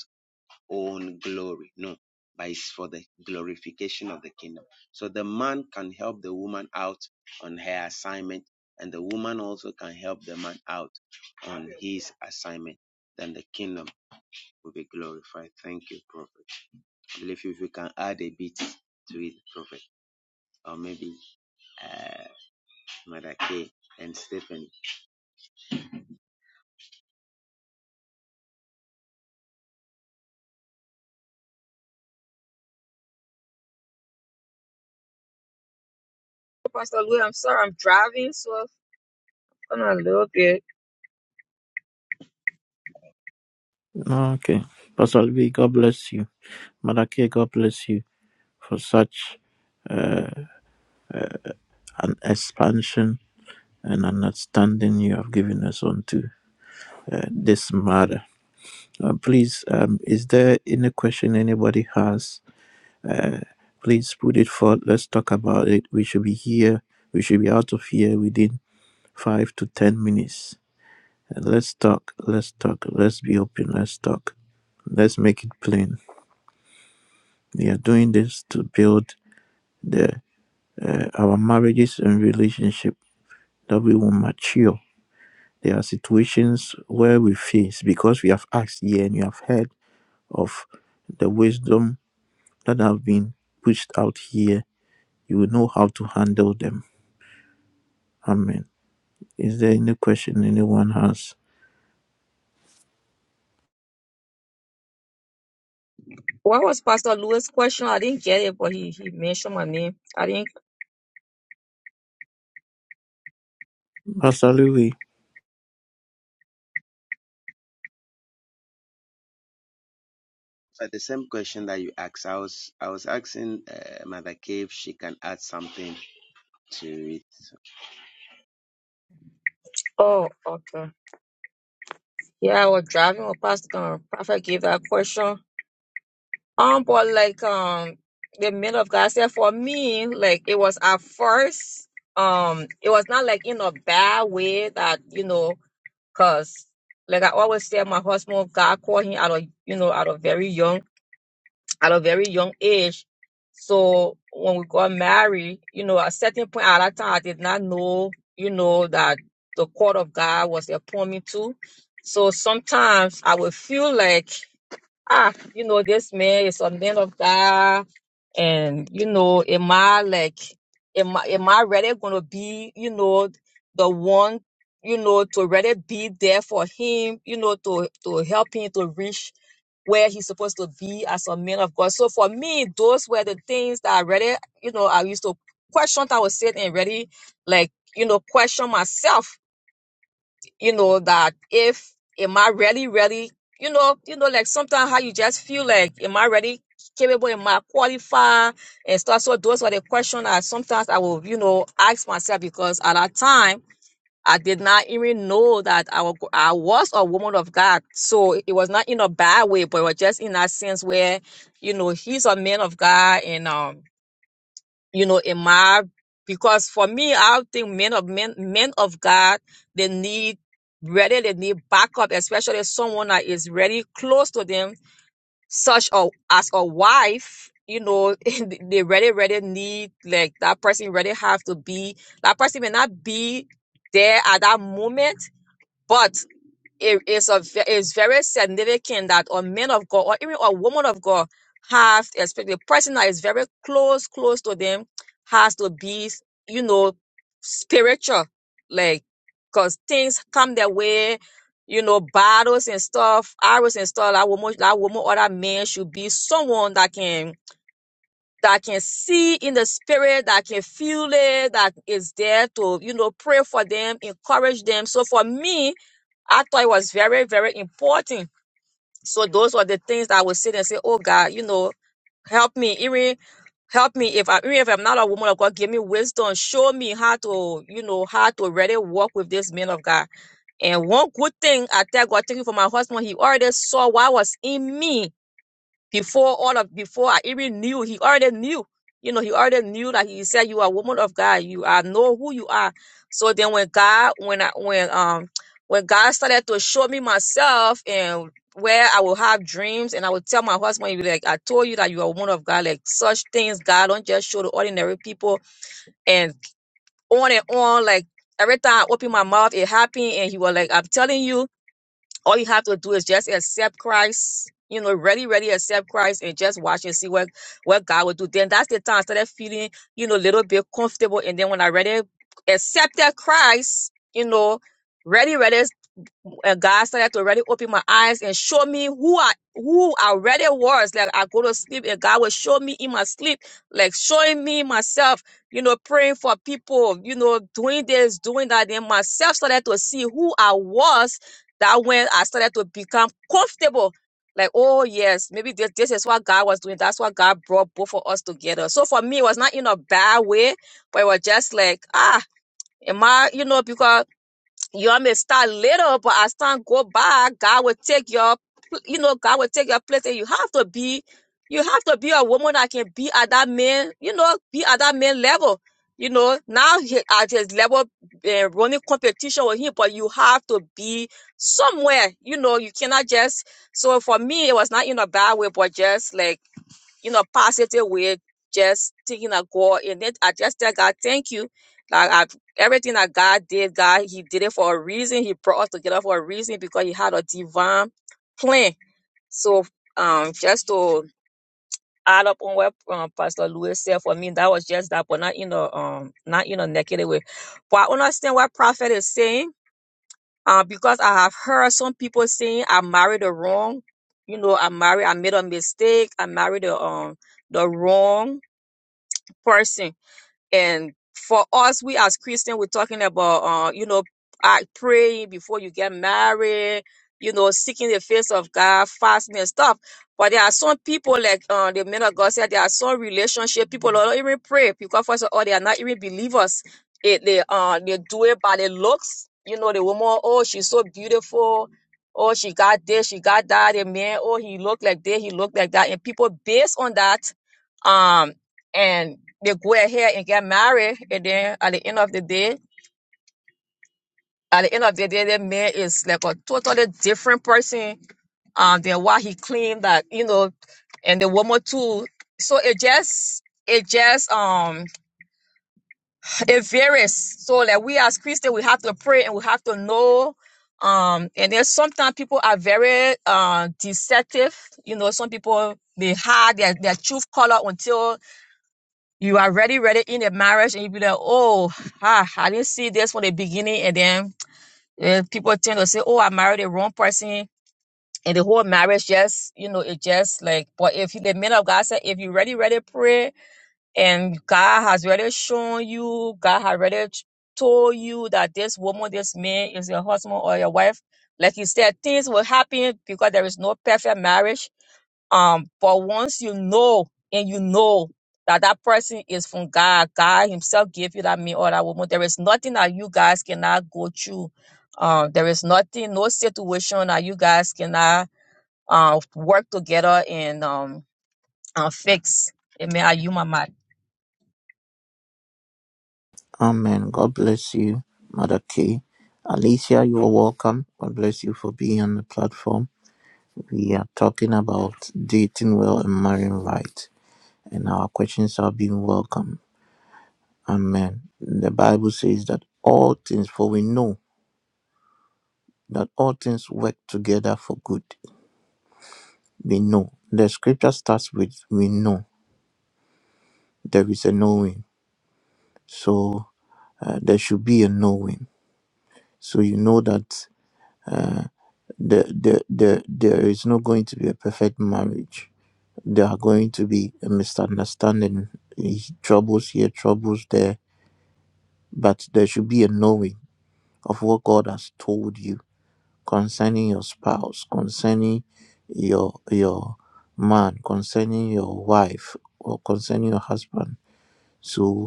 S4: own glory. No, but it's for the glorification of the kingdom. So the man can help the woman out on her assignment, and the woman also can help the man out on his assignment. Then the kingdom will be glorified. Thank you, Prophet. I believe if you can add a bit to it, Prophet, or maybe uh, Mother K and Stephen.
S5: Pastor Louis, I'm sorry, I'm driving, so it's gonna a little bit.
S2: Okay. Pastor B, God bless you. Mother K, God bless you for such an expansion and understanding you have given us onto uh, this matter. Uh, please, um, is there any question anybody has? Please put it forth. Let's talk about it. We should be here. We should be out of here within five to ten minutes. And let's talk. Let's talk. Let's be open. Let's talk. Let's make it plain. We are doing this to build the uh, our marriages and relationship that we will mature. There are situations where we face because we have asked here and you have heard of the wisdom that have been pushed out here, you will know how to handle them. Amen. Is there any question anyone has?
S5: What was Pastor Louis' question? I didn't get it, but he, he mentioned my name. I didn't.
S2: Pastor Louis,
S4: But the same question that you asked, I was I was asking uh, Mother K if she can add something to it. So.
S5: Oh, okay. Yeah, I was driving with Pastor um, Prophet gave that question. Um, but like um, the man of God said for me, like it was at first, um, it was not like in a bad way that you know, cause like I always say, my husband God called him out of you know out of very young. at a very young age. So when we got married, you know, at a certain point at that time, I did not know, you know, that the court of God was upon me too. So sometimes I would feel like, ah, you know, this man is a man of God, and you know, am I like, am I, am I really gonna be, you know, the one, you know, to really be there for him, you know, to to help him to reach where he's supposed to be as a man of God. So for me, those were the things that I really, you know, I used to question that I was saying and really like, you know, question myself, you know, that if am I really, really, you know, you know, like sometimes how you just feel like, am I really capable, am I qualified and stuff. So those were the questions I sometimes I will, you know, ask myself because at that time I did not even know that I, wa- I was a woman of God. So it was not in a bad way, but it was just in that sense where, you know, he's a man of God and, um, you know, in my, because for me, I think men of men, men of God, they need, really, they need backup, especially someone that is really close to them, such a, as a wife, you know, they really, really need, like, that person really have to be, that person may not be there at that moment but it is a ve- it's very significant that a man of God or even a woman of God have especially the person that is very close, close to them has to be, you know, spiritual. Like because things come their way, you know, battles and stuff, arrows and stuff. That woman, that woman or that man should be someone that can that can see in the spirit, that can feel it, that is there to, you know, pray for them, encourage them. So for me, I thought it was very, very important. So those were the things that I would sit and say, oh God, you know, help me, even help me if I even if I'm not a woman of God, give me wisdom, show me how to, you know, how to really work with this man of God. And one good thing I tell God, thank you for my husband, he already saw what was in me before all of before I even knew, he already knew. You know, he already knew that he said you are a woman of God. You I know who you are. So then when God when I when um when God started to show me myself and where I will have dreams and I would tell my husband, he'd be like, I told you that you are a woman of God. Like such things, God don't just show to ordinary people and on and on, like every time I open my mouth, it happened and he was like, I'm telling you, all you have to do is just accept Christ. You know, really, really accept Christ and just watch and see what what God will do. Then that's the time I started feeling, you know, a little bit comfortable. And then when I really accepted Christ, you know, ready, ready and God started to really open my eyes and show me who I who I really was. Like I go to sleep and God will show me in my sleep, like showing me myself, you know, praying for people, you know, doing this, doing that. Then myself started to see who I was. That when I started to become comfortable. Like, oh yes, maybe this, this is what God was doing. That's what God brought both of us together. So for me, it was not in a bad way, but it was just like, ah, am I, you know, because y'all may start little, but as time go by, God will take your, pl- you know, God will take your place, and you have to be, you have to be a woman that can be at that man, you know, be at that man level. You know, now he at his level, uh, running competition with him, but you have to be somewhere. You know, you cannot just. So for me, it was not in a bad way, but just like you know, positive way, just thinking of God. And then I just tell God, thank you. Like I, everything that God did, God, He did it for a reason. He brought us together for a reason because He had a divine plan. So um, just to add up on what um, Pastor Lewis said for me, that was just that, but not in a um, not in a negative way. But I understand what Prophet is saying. Uh, because I have heard some people saying I married the wrong, you know, I married, I made a mistake, I married the um the wrong person. And for us, we as Christian, we're talking about, uh, you know, uh, praying before you get married, you know, seeking the face of God, fasting and stuff. But there are some people, like uh, the men of God said, there are some relationship people don't even pray because first of all, they are not even believers. It, they uh they do it by the looks. You know, the woman, oh, she's so beautiful. Oh, she got this, she got that. The man, oh, he looked like this, he looked like that. And people based on that, um and they go ahead and get married and then at the end of the day at the end of the day the man is like a totally different person um than what he claimed that you know and the woman too so it just it just um it varies so like we as christians we have to pray and we have to know um and then sometimes people are very uh deceptive you know some people they hide their, their truth color until You already read it in a marriage and you be like, oh, ah, I didn't see this from the beginning. And then eh, people tend to say, oh, I married the wrong person. And the whole marriage just, you know, it just like, but if the man of God said, if you ready, ready pray and God has already shown you, God has already told you that this woman, this man is your husband or your wife, like you said, things will happen because there is no perfect marriage um, but once you know and you know that that person is from God, God Himself gave you that man or that woman. There is nothing that you guys cannot go through. Um, there is nothing, no situation that you guys cannot uh, work together and um and fix. Amen. Are you my mic?
S2: Amen. God bless you, Mother Kay. Alicia, you are welcome. God bless you for being on the platform. We are talking about dating well and marrying right, and our questions are being welcome. Amen. The Bible says that all things, for we know that all things work together for good we know. The scripture starts with we know. There is a knowing. So uh, there should be a knowing. So you know that uh, the, the, the, there is not going to be a perfect marriage. There are going to be a misunderstanding, eh, troubles here, troubles there. But there should be a knowing of what God has told you concerning your spouse, concerning your your man, concerning your wife, or concerning your husband. So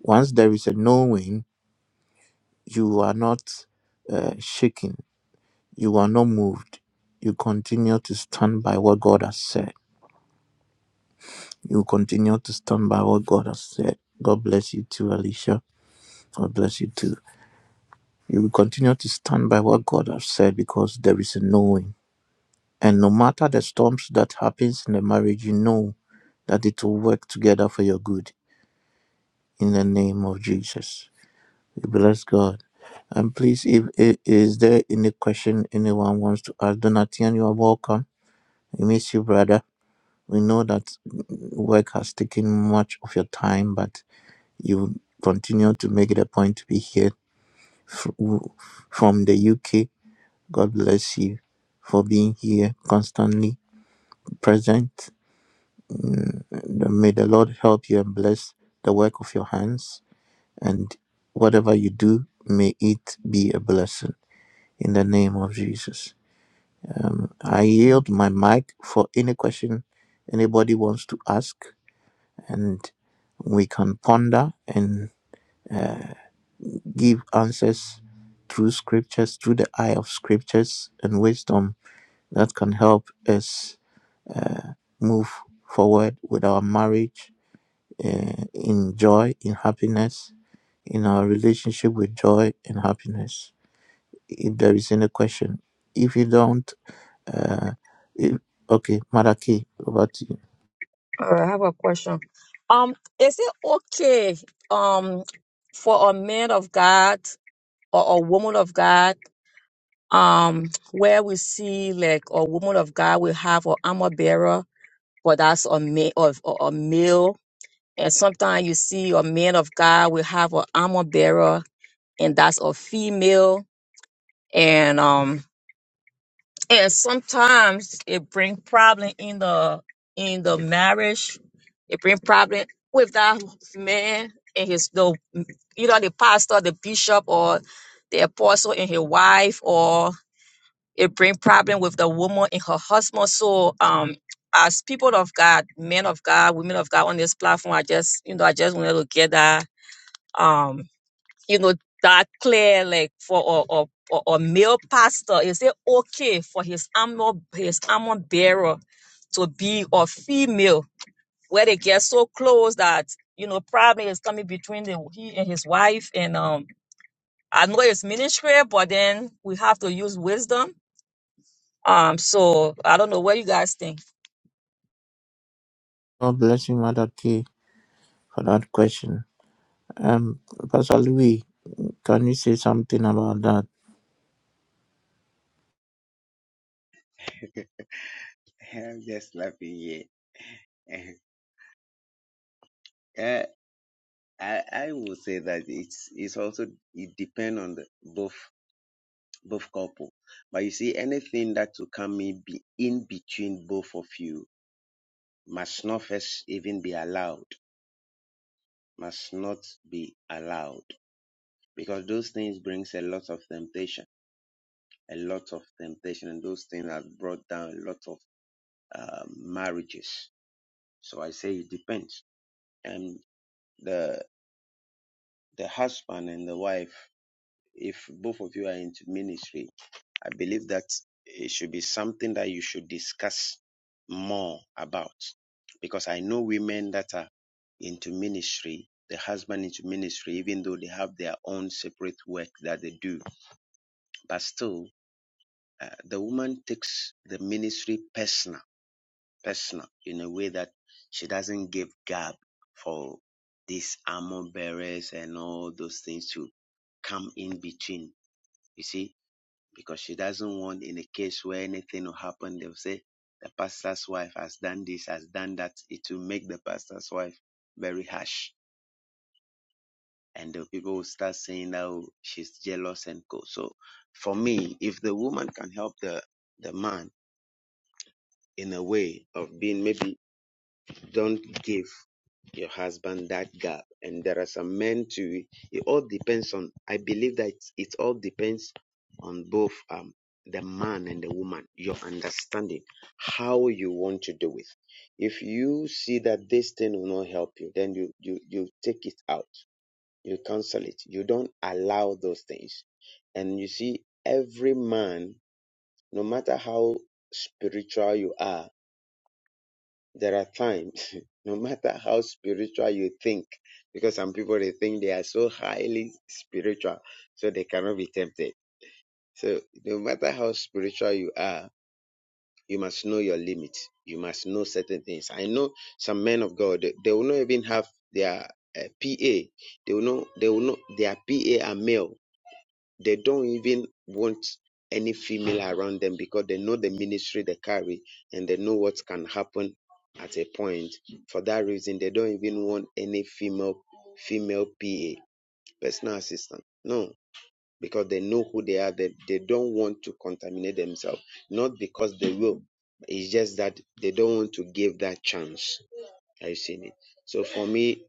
S2: Once there is a knowing, you are not uh, shaken, you are not moved. You continue to stand by what God has said. You continue to stand by what God has said. God bless you too, Alicia. God bless you too. You will continue to stand by what God has said because there is a knowing. And no matter the storms that happens in the marriage, you know that it will work together for your good in the name of Jesus. We bless God. And please, if i- is there any question anyone wants to ask, Donatian, you are welcome. We miss you, brother. We know that work has taken much of your time, but you continue to make it a point to be here fr- w- from the UK. God bless you for being here constantly present. Mm, May the Lord help you and bless the work of your hands, and whatever you do, may it be a blessing. in the name of Jesus. Um, I yield my mic for any question anybody wants to ask, and we can ponder and uh, give answers through scriptures, through the eye of scriptures and wisdom that can help us move forward with our marriage uh, in joy, in happiness, in our relationship with joy and happiness. If there is any question, if you don't, if, okay, Madaki, over to you.
S5: All right, I have a question. Um, is it okay um for a man of God or a woman of God? um, where we see like a woman of God will have an armor bearer, but that's a male of a a male. And sometimes you see a man of God will have an armor bearer, and that's a female. And um, and sometimes it bring problem in the in the marriage. It bring problem with that man and his the either the pastor, the bishop, or the apostle and his wife, or. It bring problem with the woman and her husband. So um as people of God, men of God, women of God on this platform, I just you know, I just wanted to get that um, you know, that clear like for a or or, or male pastor, is it okay for his armor his armor bearer to be a female where they get so close that you know problem is coming between the, he and his wife and um I know it's ministry, but then we have to use wisdom um, so I don't know what you guys think.
S2: God bless you, Mother K, for that question. Um, Pastor Louis, can you say something about that?
S4: I'm just laughing here. Uh, I I would say that it's it's also it depends on the both both couple. But you see, anything that will come in, be in between both of you must not first even be allowed. Must not be allowed because those things brings a lot of temptation, a lot of temptation, and those things have brought down a lot of uh, marriages. So I say it depends, and the the husband and the wife if both of you are into ministry, I believe that it should be something that you should discuss more about. Because I know women that are into ministry, the husband into ministry, even though they have their own separate work that they do, but still, uh, the woman takes the ministry personal, personal in a way that she doesn't give gap for these armor bearers and all those things to come in between. You see, because she doesn't want in a case where anything will happen, they'll say the pastor's wife has done this, has done that. It will make the pastor's wife very harsh. And the people will start saying that "Oh, she's jealous and co. So for me, if the woman can help the, the man in a way of being maybe don't give your husband that gap and there are some men too it all depends on i believe that it all depends on both um the man and the woman your understanding how you want to do it if you see that this thing will not help you then you you you take it out you cancel it you don't allow those things and you see every man no matter how spiritual you are there are times, no matter how spiritual you think, because some people they think they are so highly spiritual, so they cannot be tempted. So no matter how spiritual you are, you must know your limits. You must know certain things. I know some men of God, they, they will not even have their uh, PA. They will know they will know their PA are male they don't even want any female around them because they know the ministry they carry and they know what can happen at a point. For that reason, they don't even want any female female PA, personal assistant. No, because they know who they are. They, they don't want to contaminate themselves. Not because they will. It's just that they don't want to give that chance. I've seen it. So for me,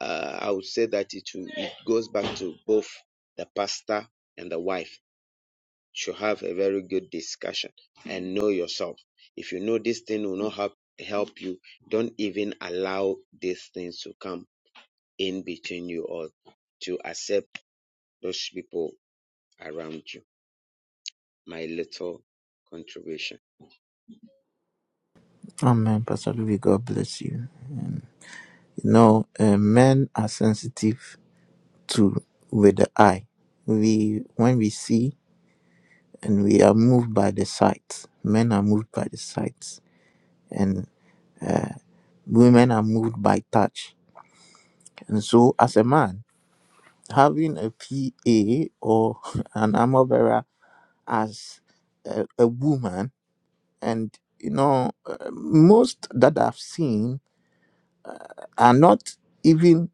S4: uh, I would say that it, will- it goes back to both the pastor and the wife should have a very good discussion and know yourself. If you know this thing will not help help you, don't even allow these things to come in between you or to accept those people around you. My little contribution.
S2: Amen, Pastor Louis. God bless you. Um, you know, uh, men are sensitive to with the eye. We when we see and we are moved by the sight. Men are moved by the sight, and women are moved by touch. And so, as a man, having a PA or an armor bearer as a, a woman and you know uh, most that i've seen are not even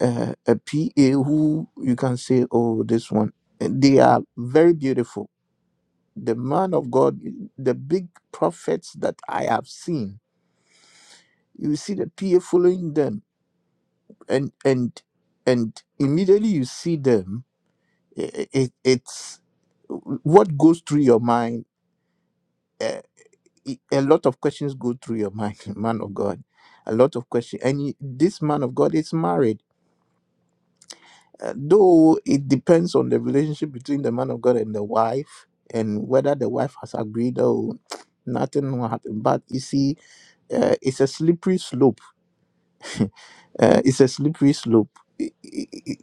S2: uh, a pa who you can say oh this one Uh, they are very beautiful the man of god the big prophets that i have seen you see the pa following them and and and immediately you see them it, it it's what goes through your mind eh, i- a lot of questions go through your mind, man of God. A lot of questions. And he- this man of God is married. Uh, though it depends on the relationship between the man of God and the wife and whether the wife has agreed or nothing will happen. But you see, uh, it's a slippery slope. Uh, it's a slippery slope. I- I- I-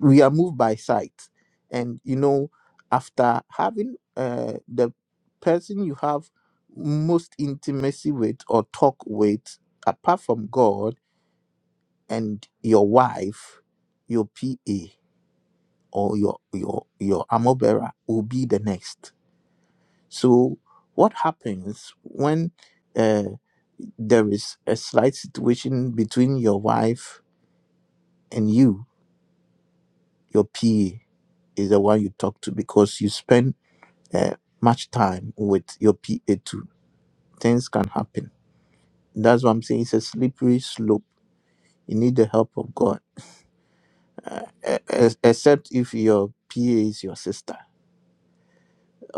S2: We are moved by sight, and you know, after having uh, the person you have most intimacy with or talk with, apart from God and your wife, your PA or your your your armor bearer will be the next. So, what happens when uh, there is a slight situation between your wife and you? your PA is the one you talk to because you spend uh, much time with your PA too. Things can happen. That's what I'm saying. It's a slippery slope. You need the help of God, uh, e- ex- except if your PA is your sister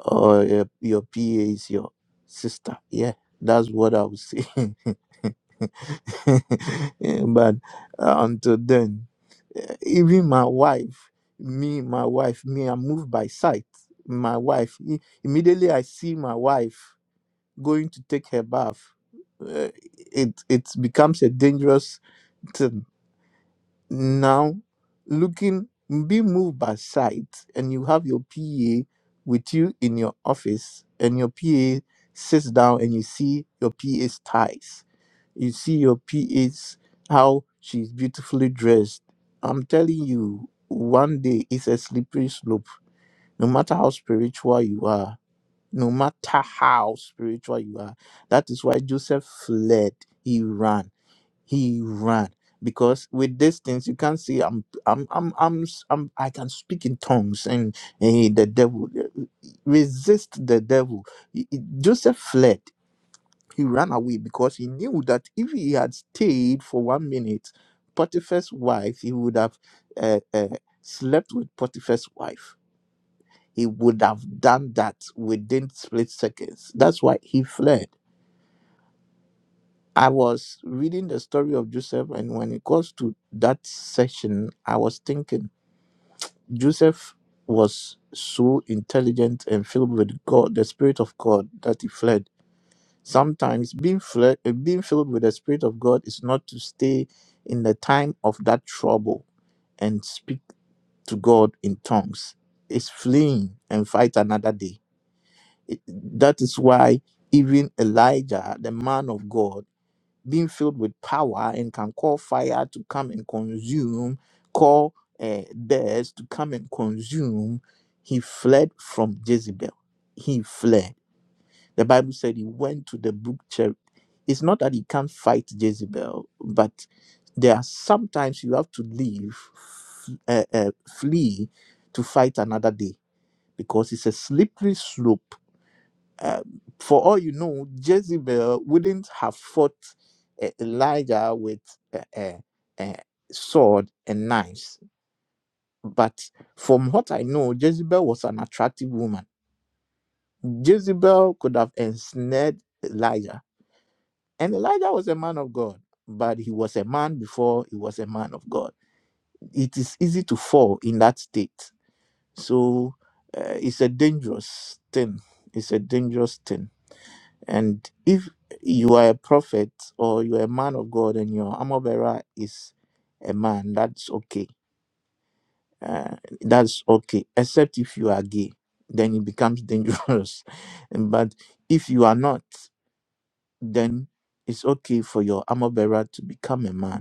S2: or your, your PA is your sister. Yeah, that's what I would say. Yeah, but uh, until then, eh, even my wife, me, my wife, me, i move by sight. My wife, i- immediately I see my wife going to take her bath. eh, it it becomes a dangerous thing. Now, looking, be moved by sight, and you have your PA with you in your office, and your PA sits down, and you see your PA's ties you see your P. A.'s how she's beautifully dressed. I'm telling you, one day it's a slippery slope. No matter how spiritual you are, no matter how spiritual you are, that is why Joseph fled. He ran. He ran. Because with these things, you can't say I'm, I'm, I'm, I'm, s- I'm, I can speak in tongues and, and the devil resist the devil. Joseph fled he ran away because he knew that if he had stayed for one minute, Potiphar's wife, he would have uh, uh, slept with Potiphar's wife. He would have done that within split seconds. That's why he fled. I was reading the story of Joseph, and when it comes to that section, I was thinking Joseph was so intelligent and filled with God, the Spirit of God, that he fled Sometimes being, fle- uh, being filled with the Spirit of God is not to stay in the time of that trouble and speak to God in tongues. It's fleeing and fight another day. It- that is why even Elijah, the man of God, being filled with power and can call fire to come and consume, call uh, death to come and consume, he fled from Jezebel. He fled the Bible said he went to the brook Cherith. It's not that he can't fight Jezebel, but there are sometimes you have to leave, f- uh, uh, flee to fight another day because it's a slippery slope. Uh, for all you know, Jezebel wouldn't have fought uh, Elijah with a uh, uh, uh, sword and knives. But from what I know, Jezebel was an attractive woman. Jezebel could have ensnared Elijah And Elijah was a man of God, but he was a man before he was a man of God. It is easy to fall in that state. So uh, it's a dangerous thing. It's a dangerous thing. And if you are a prophet or you're a man of God and your armor bearer is a man, that's okay. Uh, that's okay, except if you are gay, then it becomes dangerous. but if you are not, then it's okay for your armor bearer to become a man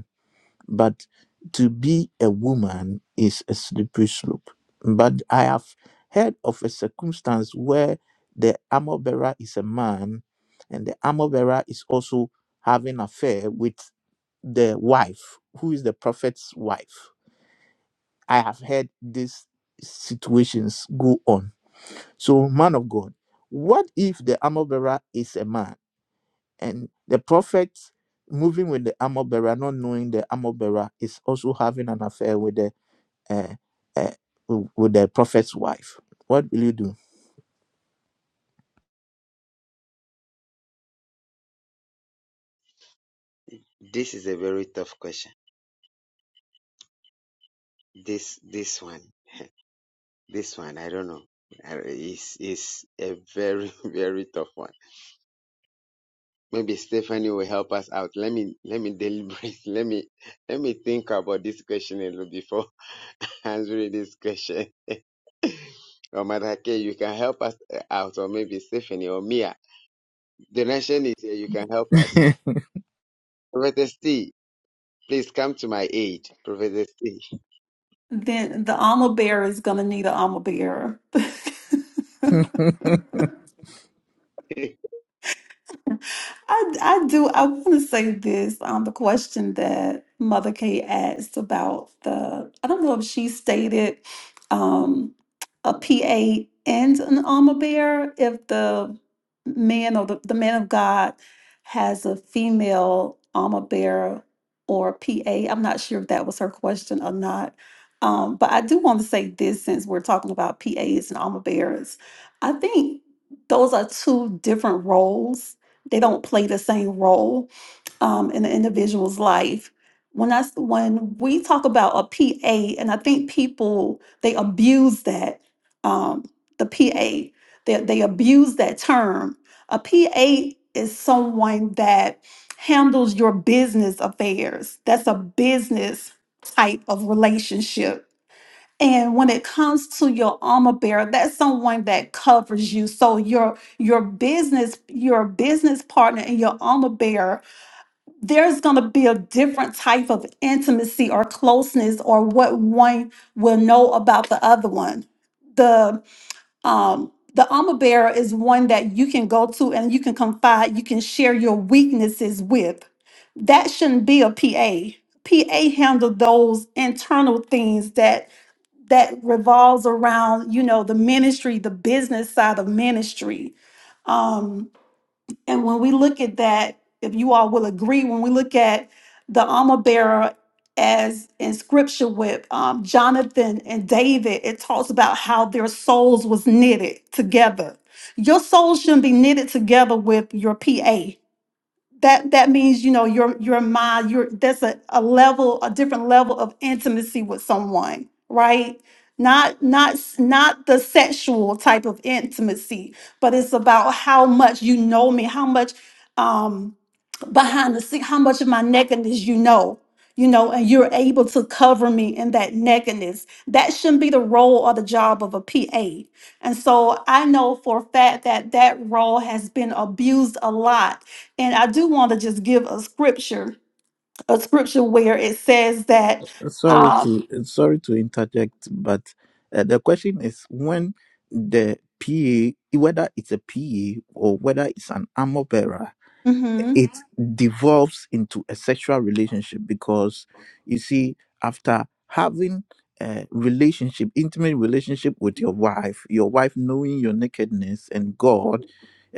S2: But to be a woman is a slippery slope. But I have heard of a circumstance where the armor bearer is a man and the armor bearer is also having affair with the wife, who is the prophet's wife. I have heard these situations go on. So, man of God, what if the armor bearer is a man? and the prophet moving with the armor bearer, not knowing the armor bearer, is also having an affair with the uh, uh, with the prophet's wife. What will you do?
S4: This is a very tough question. This this one, this one, I don't know. Uh, Is is a very very tough one Maybe Stephanie will help us out. Let me let me deliberate. Let me let me think about this question a little before answering this question. Or Madake, you can help us uh, out, or maybe Stephanie or Mia. The nation is here. You can help us. Prophetess T, please come to my aid. Prophetess T.
S6: Then the armor bearer is gonna need an armor bearer. I, I do. I want to say this on the question that Mother Kay asked about the, I don't know if she stated um, a PA and an armor bearer, if the man or the, the man of God has a female armor bearer or PA. I'm not sure if that was her question or not. Um, but I do want to say this since we're talking about PAs and armor bearers. I think those are two different roles they don't play the same role um, in the individual's life. When I s- when we talk about a PA, and I think people they abuse that um, the PA they they abuse that term. A PA is someone that handles your business affairs. That's a business type of relationship and when it comes to your armor bearer, that's someone that covers you. So your your business, your business partner and your armor bearer, there's gonna be a different type of intimacy or closeness or what one will know about the other one. The um the armor bearer is one that you can go to and you can confide, you can share your weaknesses with. That shouldn't be a PA. PA handle those internal things that that revolves around you know the ministry the business side of ministry um and when we look at that if you all will agree when we look at the armor bearer as in scripture with um, jonathan and david it talks about how their souls was knitted together your soul shouldn't be knitted together with your pa that that means you know your your mind your that's a, a level a different level of intimacy with someone right not not not the sexual type of intimacy but it's about how much you know me how much um behind the scene how much of my nakedness you know you know and you're able to cover me in that nakedness that shouldn't be the role or the job of a pa and so i know for a fact that that role has been abused a lot and I do want to just give a scripture, a scripture where it says that,
S2: sorry
S6: um,
S2: to sorry to interject, but uh, the question is when the PA, whether it's a PA or whether it's an armor bearer,
S6: mhm.
S2: it devolves into a sexual relationship because you see after having a relationship intimate relationship with your wife your wife knowing your nakedness and god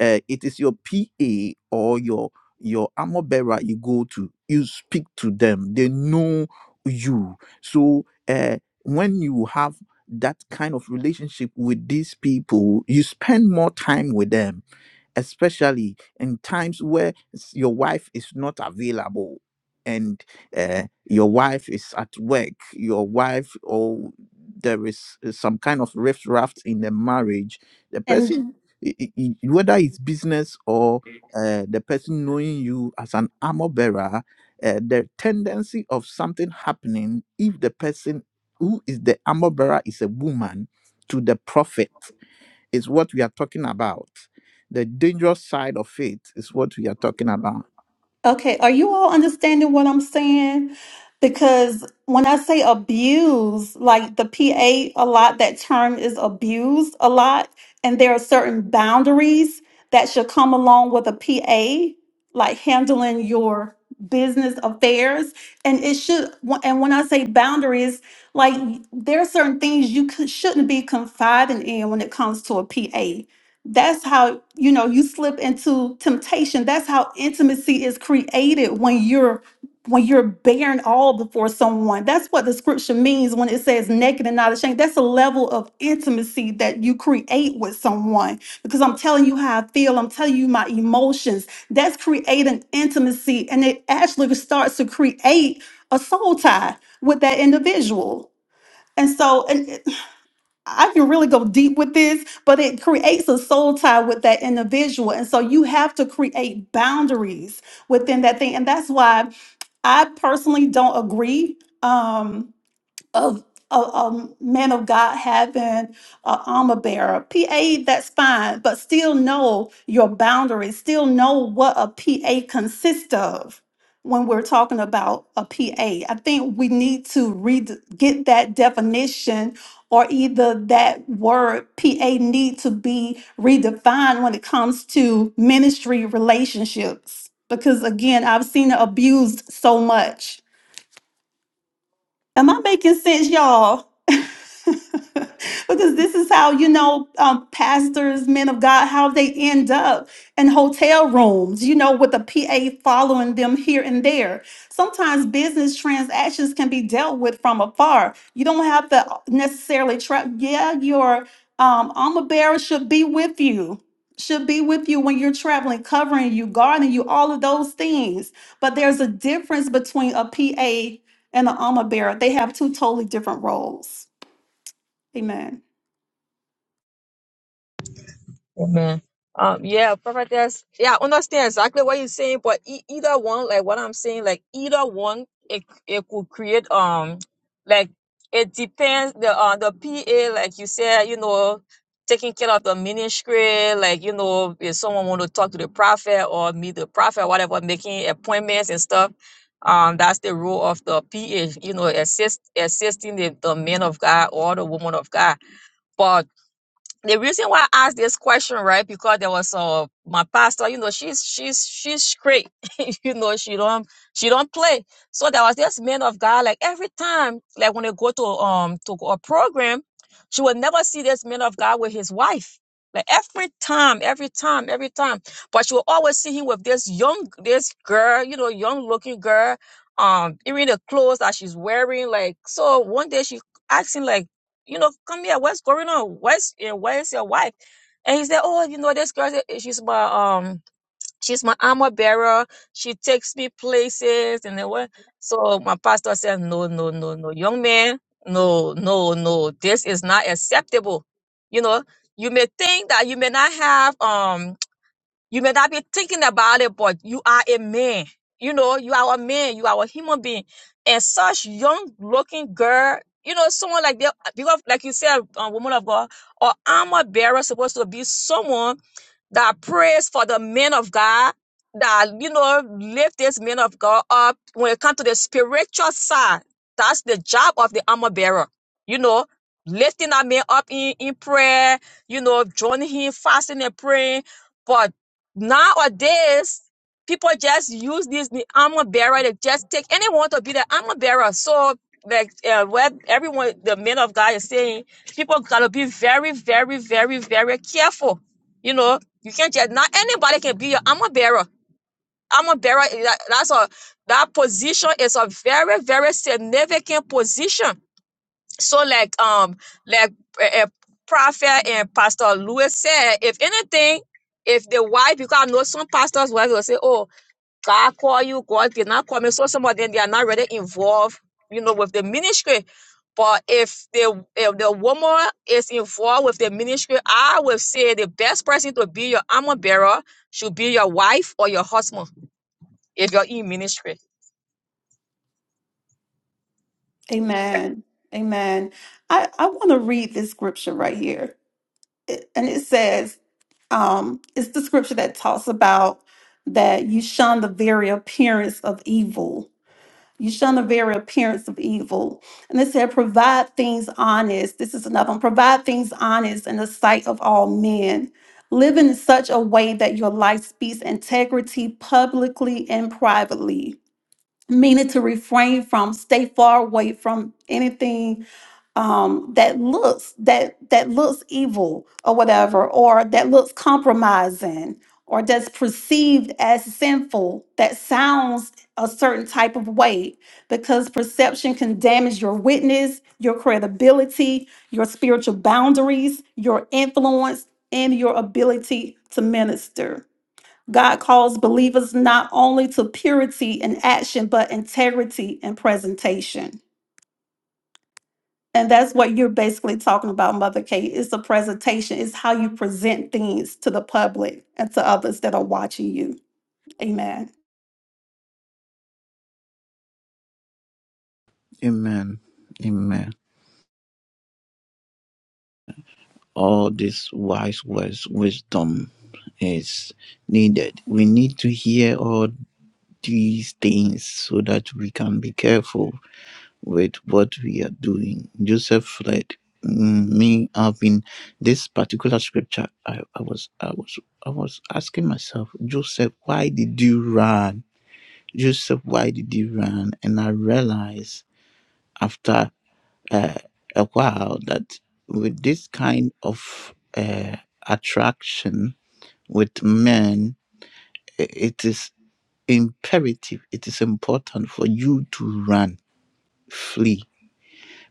S2: uh, it is your pa or your your armor bearer you go to you speak to them they know you so uh, when you have that kind of relationship with these people you spend more time with them especially in times where s- your wife is not available and uh, your wife is at work, your wife or there is uh, some kind of rift raft in the marriage, the person, i- i- i- whether it's business or uh, the person knowing you as an armor bearer, uh, the tendency of something happening if the person who is the armor bearer is a woman to the prophet is what we are talking about. The dangerous side of it is what we are talking about.
S6: Okay, are you all understanding what I'm saying? Because when I say abuse, like the PA a a lot, that term is abused a lot, and there are certain boundaries that should come along with a PA, like handling your business affairs. And it should, and when I say boundaries, like there are certain things you c- shouldn't be confiding in when it comes to a PA that's how, you know, you slip into temptation. That's how intimacy is created when you're when you're bearing all before someone. That's what the scripture means when it says naked and not ashamed. That's a level of intimacy that you create with someone because I'm telling you how I feel. I'm telling you my emotions. That's creating intimacy and it actually starts to create a soul tie with that individual. And so, and. I can really go deep with this, but it creates a soul tie with that individual. And so you have to create boundaries within that thing. And that's why I personally don't agree. Um, of a, a man of God having an armor bearer. PA, that's fine, but still know your boundaries, still know what a PA consists of when we're talking about a PA. I think we need to read, get that definition or either that word PA need to be redefined when it comes to ministry relationships. Because again, I've seen it abused so much Am I making sense, y'all? because this is how, you know, um, pastors, men of God, how they end up in hotel rooms, you know, with a PA following them here and there. Sometimes business transactions can be dealt with from afar. You don't have to necessarily travel. Yeah, your um, armor bearer should be with you. Should be with you when you're traveling, covering you, guarding you, all of those things. But there's a difference between a PA and the armor bearer. They have two totally different roles. Amen.
S5: Amen. Um, yeah, prophetess. Yeah, I understand exactly what you're saying, but e- either one, like what I'm saying, like either one, it it could create um, like it depends the uh the PA, like you said, you know, taking care of the ministry, like you know, if someone want to talk to the prophet or meet the prophet, whatever, making appointments and stuff. Um, that's the role of the PA, you know, assist assisting the, the man of God or the woman of God the reason why I asked this question, right? Because there was uh my pastor, you know, she's she's she's straight, you know, she don't she don't play. So there was this man of God, like every time, like when they go to um to a program, she would never see this man of God with his wife. Like every time, every time, every time. But she will always see him with this young this girl, you know, young looking girl. Um, even the clothes that she's wearing, like so one day she asked him like you know, come here. What's going on? Where's eh, where's your wife? And he said, oh, you know, this girl, eh, she's my um, she's my armor bearer. She takes me places and then what? So my pastor said, no, no, no, no, young man, no, no, no, this is not acceptable. You know, you may think that you may not have um you may not be thinking about it, but you are a man. You know, you are a man. You are a human being. And such young looking girl, you know, someone like that, because like you said, a woman of God, or armor bearer supposed to be someone that prays for the men of God, that, you know, lift this men of God up. When it comes to the spiritual side, that's the job of the armor bearer, you know, lifting that man up in, in prayer, you know, joining him, fasting and praying. But nowadays, people just use this the armor bearer They just take anyone to be the armor bearer. So, like uh, what everyone, the men of God is saying, people gotta be very, very, very, very careful you know you can't just not anybody can be your armor bearer. Armor bearer, eh, that- that's a that position is a very very significant position. So like um like a a prophet and pastor Lewis said, if anything, if the wife because I know some pastors wife will say, oh God call you, God did not call me. So some of them they are not really involved, you know, with the ministry. But if the if the woman is involved with the ministry, I would say the best person to be your armor bearer should be your wife or your husband if you're in ministry.
S6: Amen. Amen. I, I want to read this scripture right here. It- and it says, um, it's the scripture that talks about that you shun the very appearance of evil. You shun the very appearance of evil. And it said, provide things honest. This is another one. Provide things honest in the sight of all men. Live in such a way that your life speaks integrity publicly and privately meaning to refrain from stay far away from anything um, that looks that that looks evil or whatever or that looks compromising or that's perceived as sinful that sounds a certain type of way because perception can damage your witness your credibility your spiritual boundaries your influence and your ability to minister God calls believers not only to purity in action, but integrity in presentation. And that's what you're basically talking about, Mother Kate. It's a presentation, it's how you present things to the public and to others that are watching you. Amen.
S2: Amen. Amen. All these wise words, wisdom is needed. We need to hear all these things so that we can be careful. with what we are doing. Joseph read Mm, Me, I've been this particular scripture. I, I was, I was, I was asking myself, Joseph, why did you run? Joseph, why did you run? And I realized after uh, a while that with this kind of uh, attraction with men, i- it is imperative. It is important for you to run, flee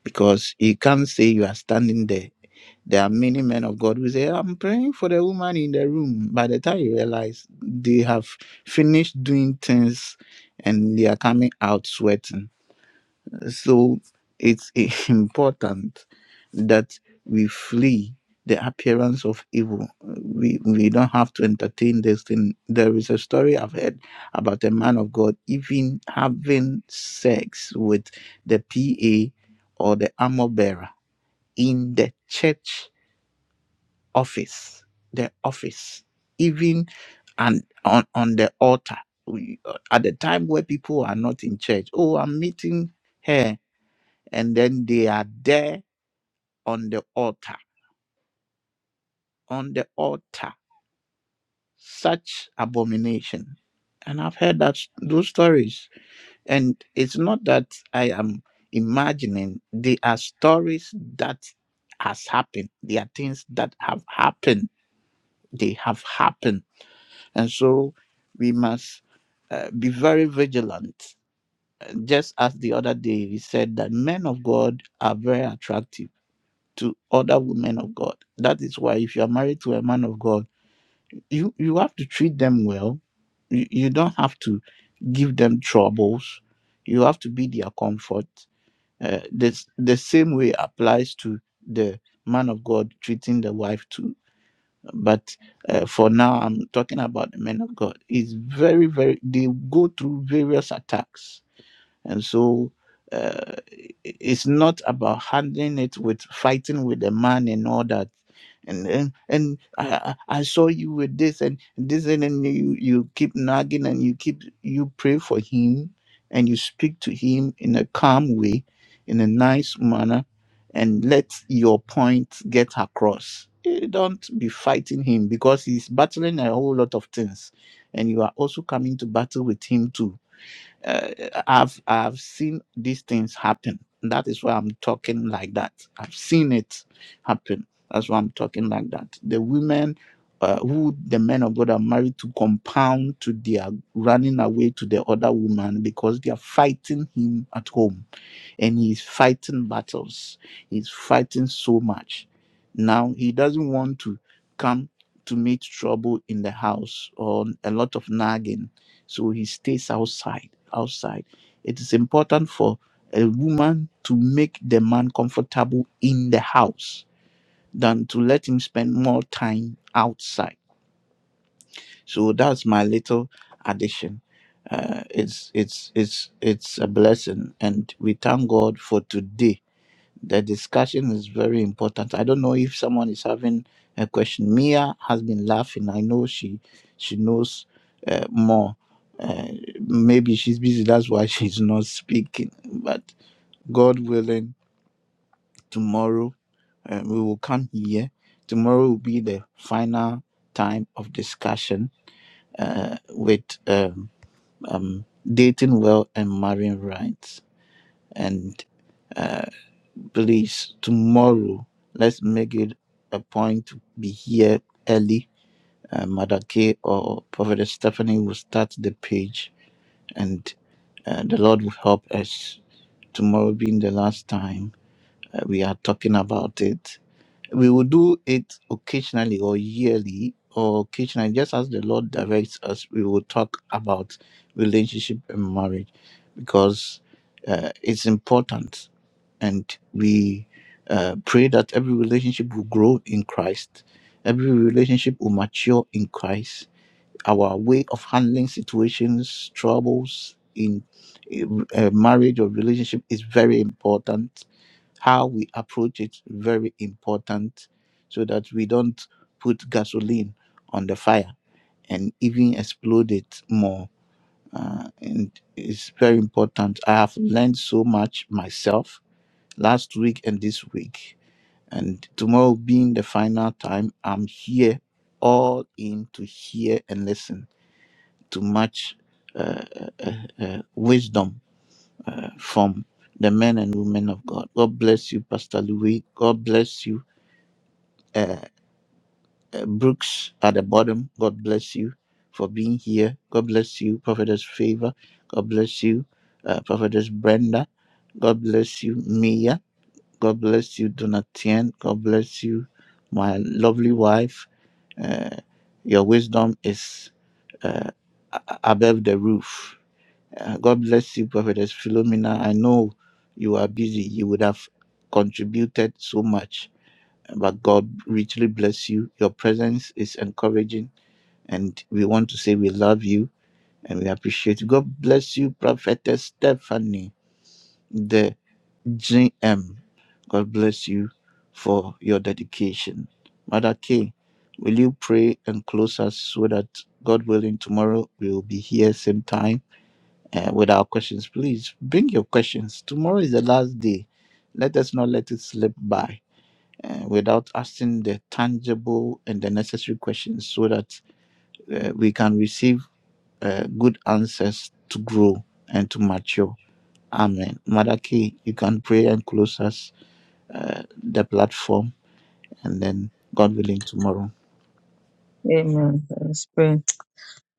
S2: because you can't say you are standing there. There are many men of God who say, I'm praying for the woman in the room. By the time you realize they have finished doing things and they are coming out sweating. So it's important that we flee the appearance of evil. We we don't have to entertain this thing. There is a story I've heard about a man of God even having sex with the PA or the armor bearer in the church office, the office, even and on, on the altar. We, uh, at the time where people are not in church, oh, I'm meeting here, and then they are there on the altar, on the altar, such abomination. And I've heard that those stories, and it's not that I am imagining; they are stories that has happened. They are things that have happened. They have happened And so we must uh, be very vigilant. Just as the other day we said that men of God are very attractive to other women of God. That is why if you are married to a man of God, you, you have to treat them well. You, you don't have to give them troubles. You have to be their comfort. Uh, this, the same way applies to the man of God treating the wife too but uh, for now i'm talking about the men of god it's very very they go through various attacks and so uh, i- it's not about handling it with fighting with the man and all that. And and, and I, I I saw you with this and this and then you, you keep nagging and you keep you pray for him and you speak to him in a calm way, in a nice manner, and let your point get across. Eh, Don't be fighting him because he's battling a whole lot of things, and you are also coming to battle with him too uh, I've I've seen these things happen. That is why I'm talking like that. I've seen it happen. That's why I'm talking like that. The women uh, who the men of God are married to compound to their running away to the other woman because they are fighting him at home and he's fighting battles. He's fighting so much. Now he doesn't want to come to meet trouble in the house or a lot of nagging. So he stays outside. Outside. It is important for a woman to make the man comfortable in the house than to let him spend more time outside. So that's my little addition. Uh, it's it's it's it's a blessing, and we thank God for today the discussion is very important. I don't know if someone is having a question. Mia has been laughing. I know she she knows uh, more. Uh, maybe she's busy. That's why she's not speaking. But God willing, tomorrow uh, we will come here. Tomorrow will be the final time of discussion uh, with um, um, dating well and marrying right. And uh, please tomorrow let's make it a point to be here early uh, mother k or prophet stephanie will start the page and uh, the lord will help us tomorrow being the last time uh, we are talking about it we will do it occasionally or yearly or occasionally just as the lord directs us we will talk about relationship and marriage because uh, it's important and we uh, pray that every relationship will grow in Christ, every relationship will mature in Christ. Our way of handling situations, troubles in uh, marriage or relationship is very important. How we approach it very important, so that we don't put gasoline on the fire and even explode it more. Uh, and it's very important. I have learned so much myself last week and this week. And tomorrow being the final time, I'm here all in to hear and listen to much uh, uh, uh, uh, wisdom uh, from the men and women of God. God bless you, Pastor Louis. God bless you, uh, uh, Brooks at the bottom. God bless you for being here. God bless you, Prophetess Favor. God bless you, uh, Prophetess Brenda. God bless you, Mia. God bless you, Donatien. God bless you, my lovely wife. Uh, your wisdom is uh, a- above the roof. Uh, God bless you, Prophetess Philomena. I know you are busy. You would have contributed so much, but God richly bless you. Your presence is encouraging, and we want to say we love you and we appreciate you. God bless you, Prophetess Stephanie. The J M, God bless you for your dedication. Mother K, will you pray and close us so that God willing, tomorrow we will be here same time uh, with our questions. Please bring your questions. Tomorrow is the last day. Let us not let it slip by uh, without asking the tangible and the necessary questions so that uh, we can receive uh, good answers to grow and to mature. Amen. Mother K, you can pray and close us uh, the platform, and then God willing, tomorrow.
S5: Amen. Let's pray.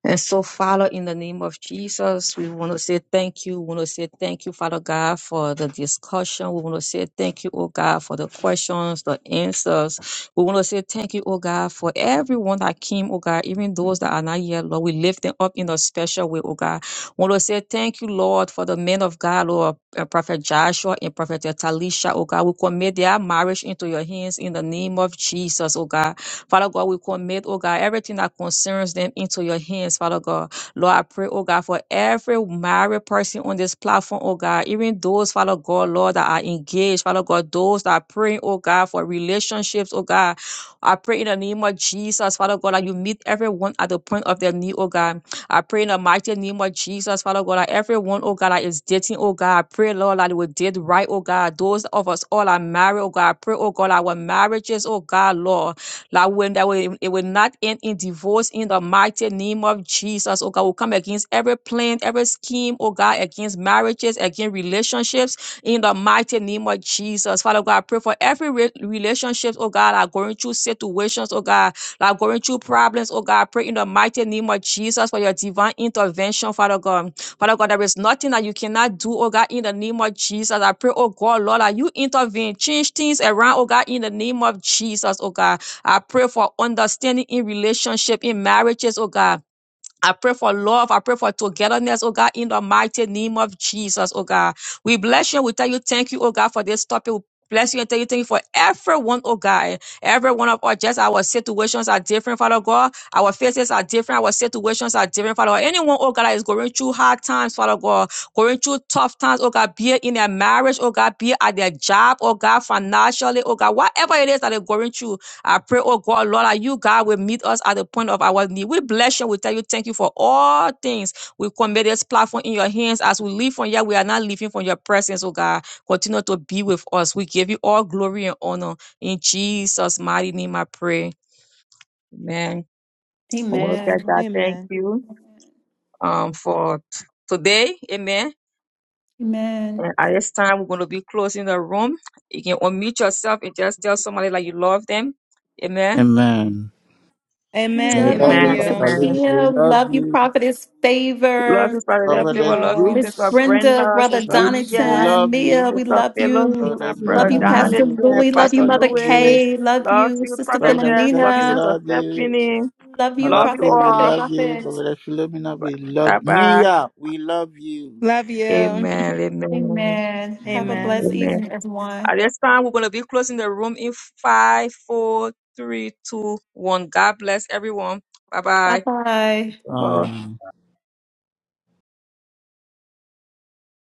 S5: And so, Father, in the name of Jesus, we want to say thank you. We want to say thank you, Father God, for the discussion. We want to say thank you, oh God, for the questions, the answers. We want to say thank you, oh God, for everyone that came, oh God, even those that are not yet, Lord. We lift them up in a special way, oh God. We want to say thank you, Lord, for the men of God, Lord, uh, Prophet Joshua and Prophet Talisha, oh God. We commit their marriage into your hands in the name of Jesus, oh God. Father God, we commit, oh God, everything that concerns them into your hands, Father God. Lord, I pray, oh God, for every married person on this platform, oh God, even those, Father God, Lord, that are engaged, Father God, those that are praying, oh God, for relationships, oh God. I pray in the name of Jesus, Father God, that you meet everyone at the point of their need, oh God. I pray in the mighty name of Jesus, Father God, that everyone, oh God, that is dating, oh God, I pray, Lord, that they will date right, oh God. Those of us all are married, oh God, I pray, oh God, our marriages, oh God, Lord. That when that will, it will not end in divorce in the mighty name of Jesus. Oh God, we come against every plan, every scheme, oh God, against marriages, against relationships in the mighty name of Jesus. Father God, I pray for every re- relationship, oh God, are going through situations, oh God, that are going through problems, oh God. I pray in the mighty name of Jesus for your divine intervention, Father God. Father God, there is nothing that you cannot do, oh God, in the name of Jesus. I pray, oh God, Lord, that you intervene, change things around, oh God, in the name of Jesus, oh God. I pray for understanding in relationship, in marriages, oh God. I pray for love. I pray for togetherness, oh God, in the mighty name of Jesus, oh God. We bless you. We tell you thank you, oh God, for this topic. We bless you and tell you thank you for everyone, oh God. Every one of us, just our situations are different, Father God. Our faces are different. Our situations are different, Father God. Anyone, oh God, that is going through hard times, Father God, going through tough times, oh God, be it in their marriage, oh God, be it at their job, oh God, financially, oh God, whatever it is that they're going through, I pray, oh God, Lord, that you, God, will meet us at the point of our need. We bless you. We tell you thank you for all things. We commit this platform in your hands. As we leave from here, we are not leaving from your presence, oh God. Continue to be with us. We give you all glory and honor. In Jesus' mighty name, I pray. Amen. I want to tell
S6: Amen.
S5: God thank
S7: Amen.
S5: you um, for t- today. Amen.
S6: Amen.
S5: And at this time, we're going to be closing the room. You can unmute yourself and just tell somebody like you love them. Amen.
S2: Amen. We
S7: Amen.
S6: Love
S2: love
S7: Love
S2: you,
S6: you,
S5: Amen.
S2: Pastor
S7: you.
S5: Amen.
S2: Libby. We
S6: Sakia. We
S2: love
S6: Love you,
S2: you,
S6: Prophetess
S5: Love
S6: Favor.
S5: you, Father, that
S7: Love
S2: Prophetess
S5: favor. Love you,
S7: you.
S6: Miss
S5: Sister
S2: Brooks.
S6: Brenda,
S5: Brenda,
S6: Brother
S5: Sister
S2: Brooks, we
S5: Mia,
S6: Donington,
S2: love
S6: Mia,
S2: you.
S6: we
S5: Sister
S6: love you.
S5: Philomena,
S2: Prophetess
S6: Love
S5: Brother
S2: Brenda,
S6: you,
S2: we love
S6: Pastor
S2: you.
S5: Donathan,
S6: Louis.
S2: Favor,
S6: Love you,
S2: we
S5: Pastor
S6: Mother
S2: love you.
S5: Lewis.
S6: Kay. Love
S5: Love
S6: you,
S5: you,
S6: Sister
S2: Prophetess
S5: Prophetess.
S2: Steph,
S5: Love you,
S2: we
S6: Philomena.
S5: Sister
S2: love you.
S5: Stephanie.
S6: Love you,
S2: Mother
S5: Love you
S2: K,
S6: Prophet,
S2: we
S5: all.
S6: Prophet,
S2: love you.
S6: Prophet.
S2: Prophetess Philomena, we love
S5: Bye
S2: you.
S5: bye.
S2: Mia, we love you.
S7: Love you.
S5: Amen. Amen.
S6: Amen. Have a
S2: Amen.
S7: Amen.
S6: blessed
S5: Amen.
S6: evening, everyone.
S5: At this time, we're going to be closing the room in five, four, three, two, one. God bless everyone.
S6: Bye
S5: Bye
S6: bye.
S5: bye.
S2: Ah.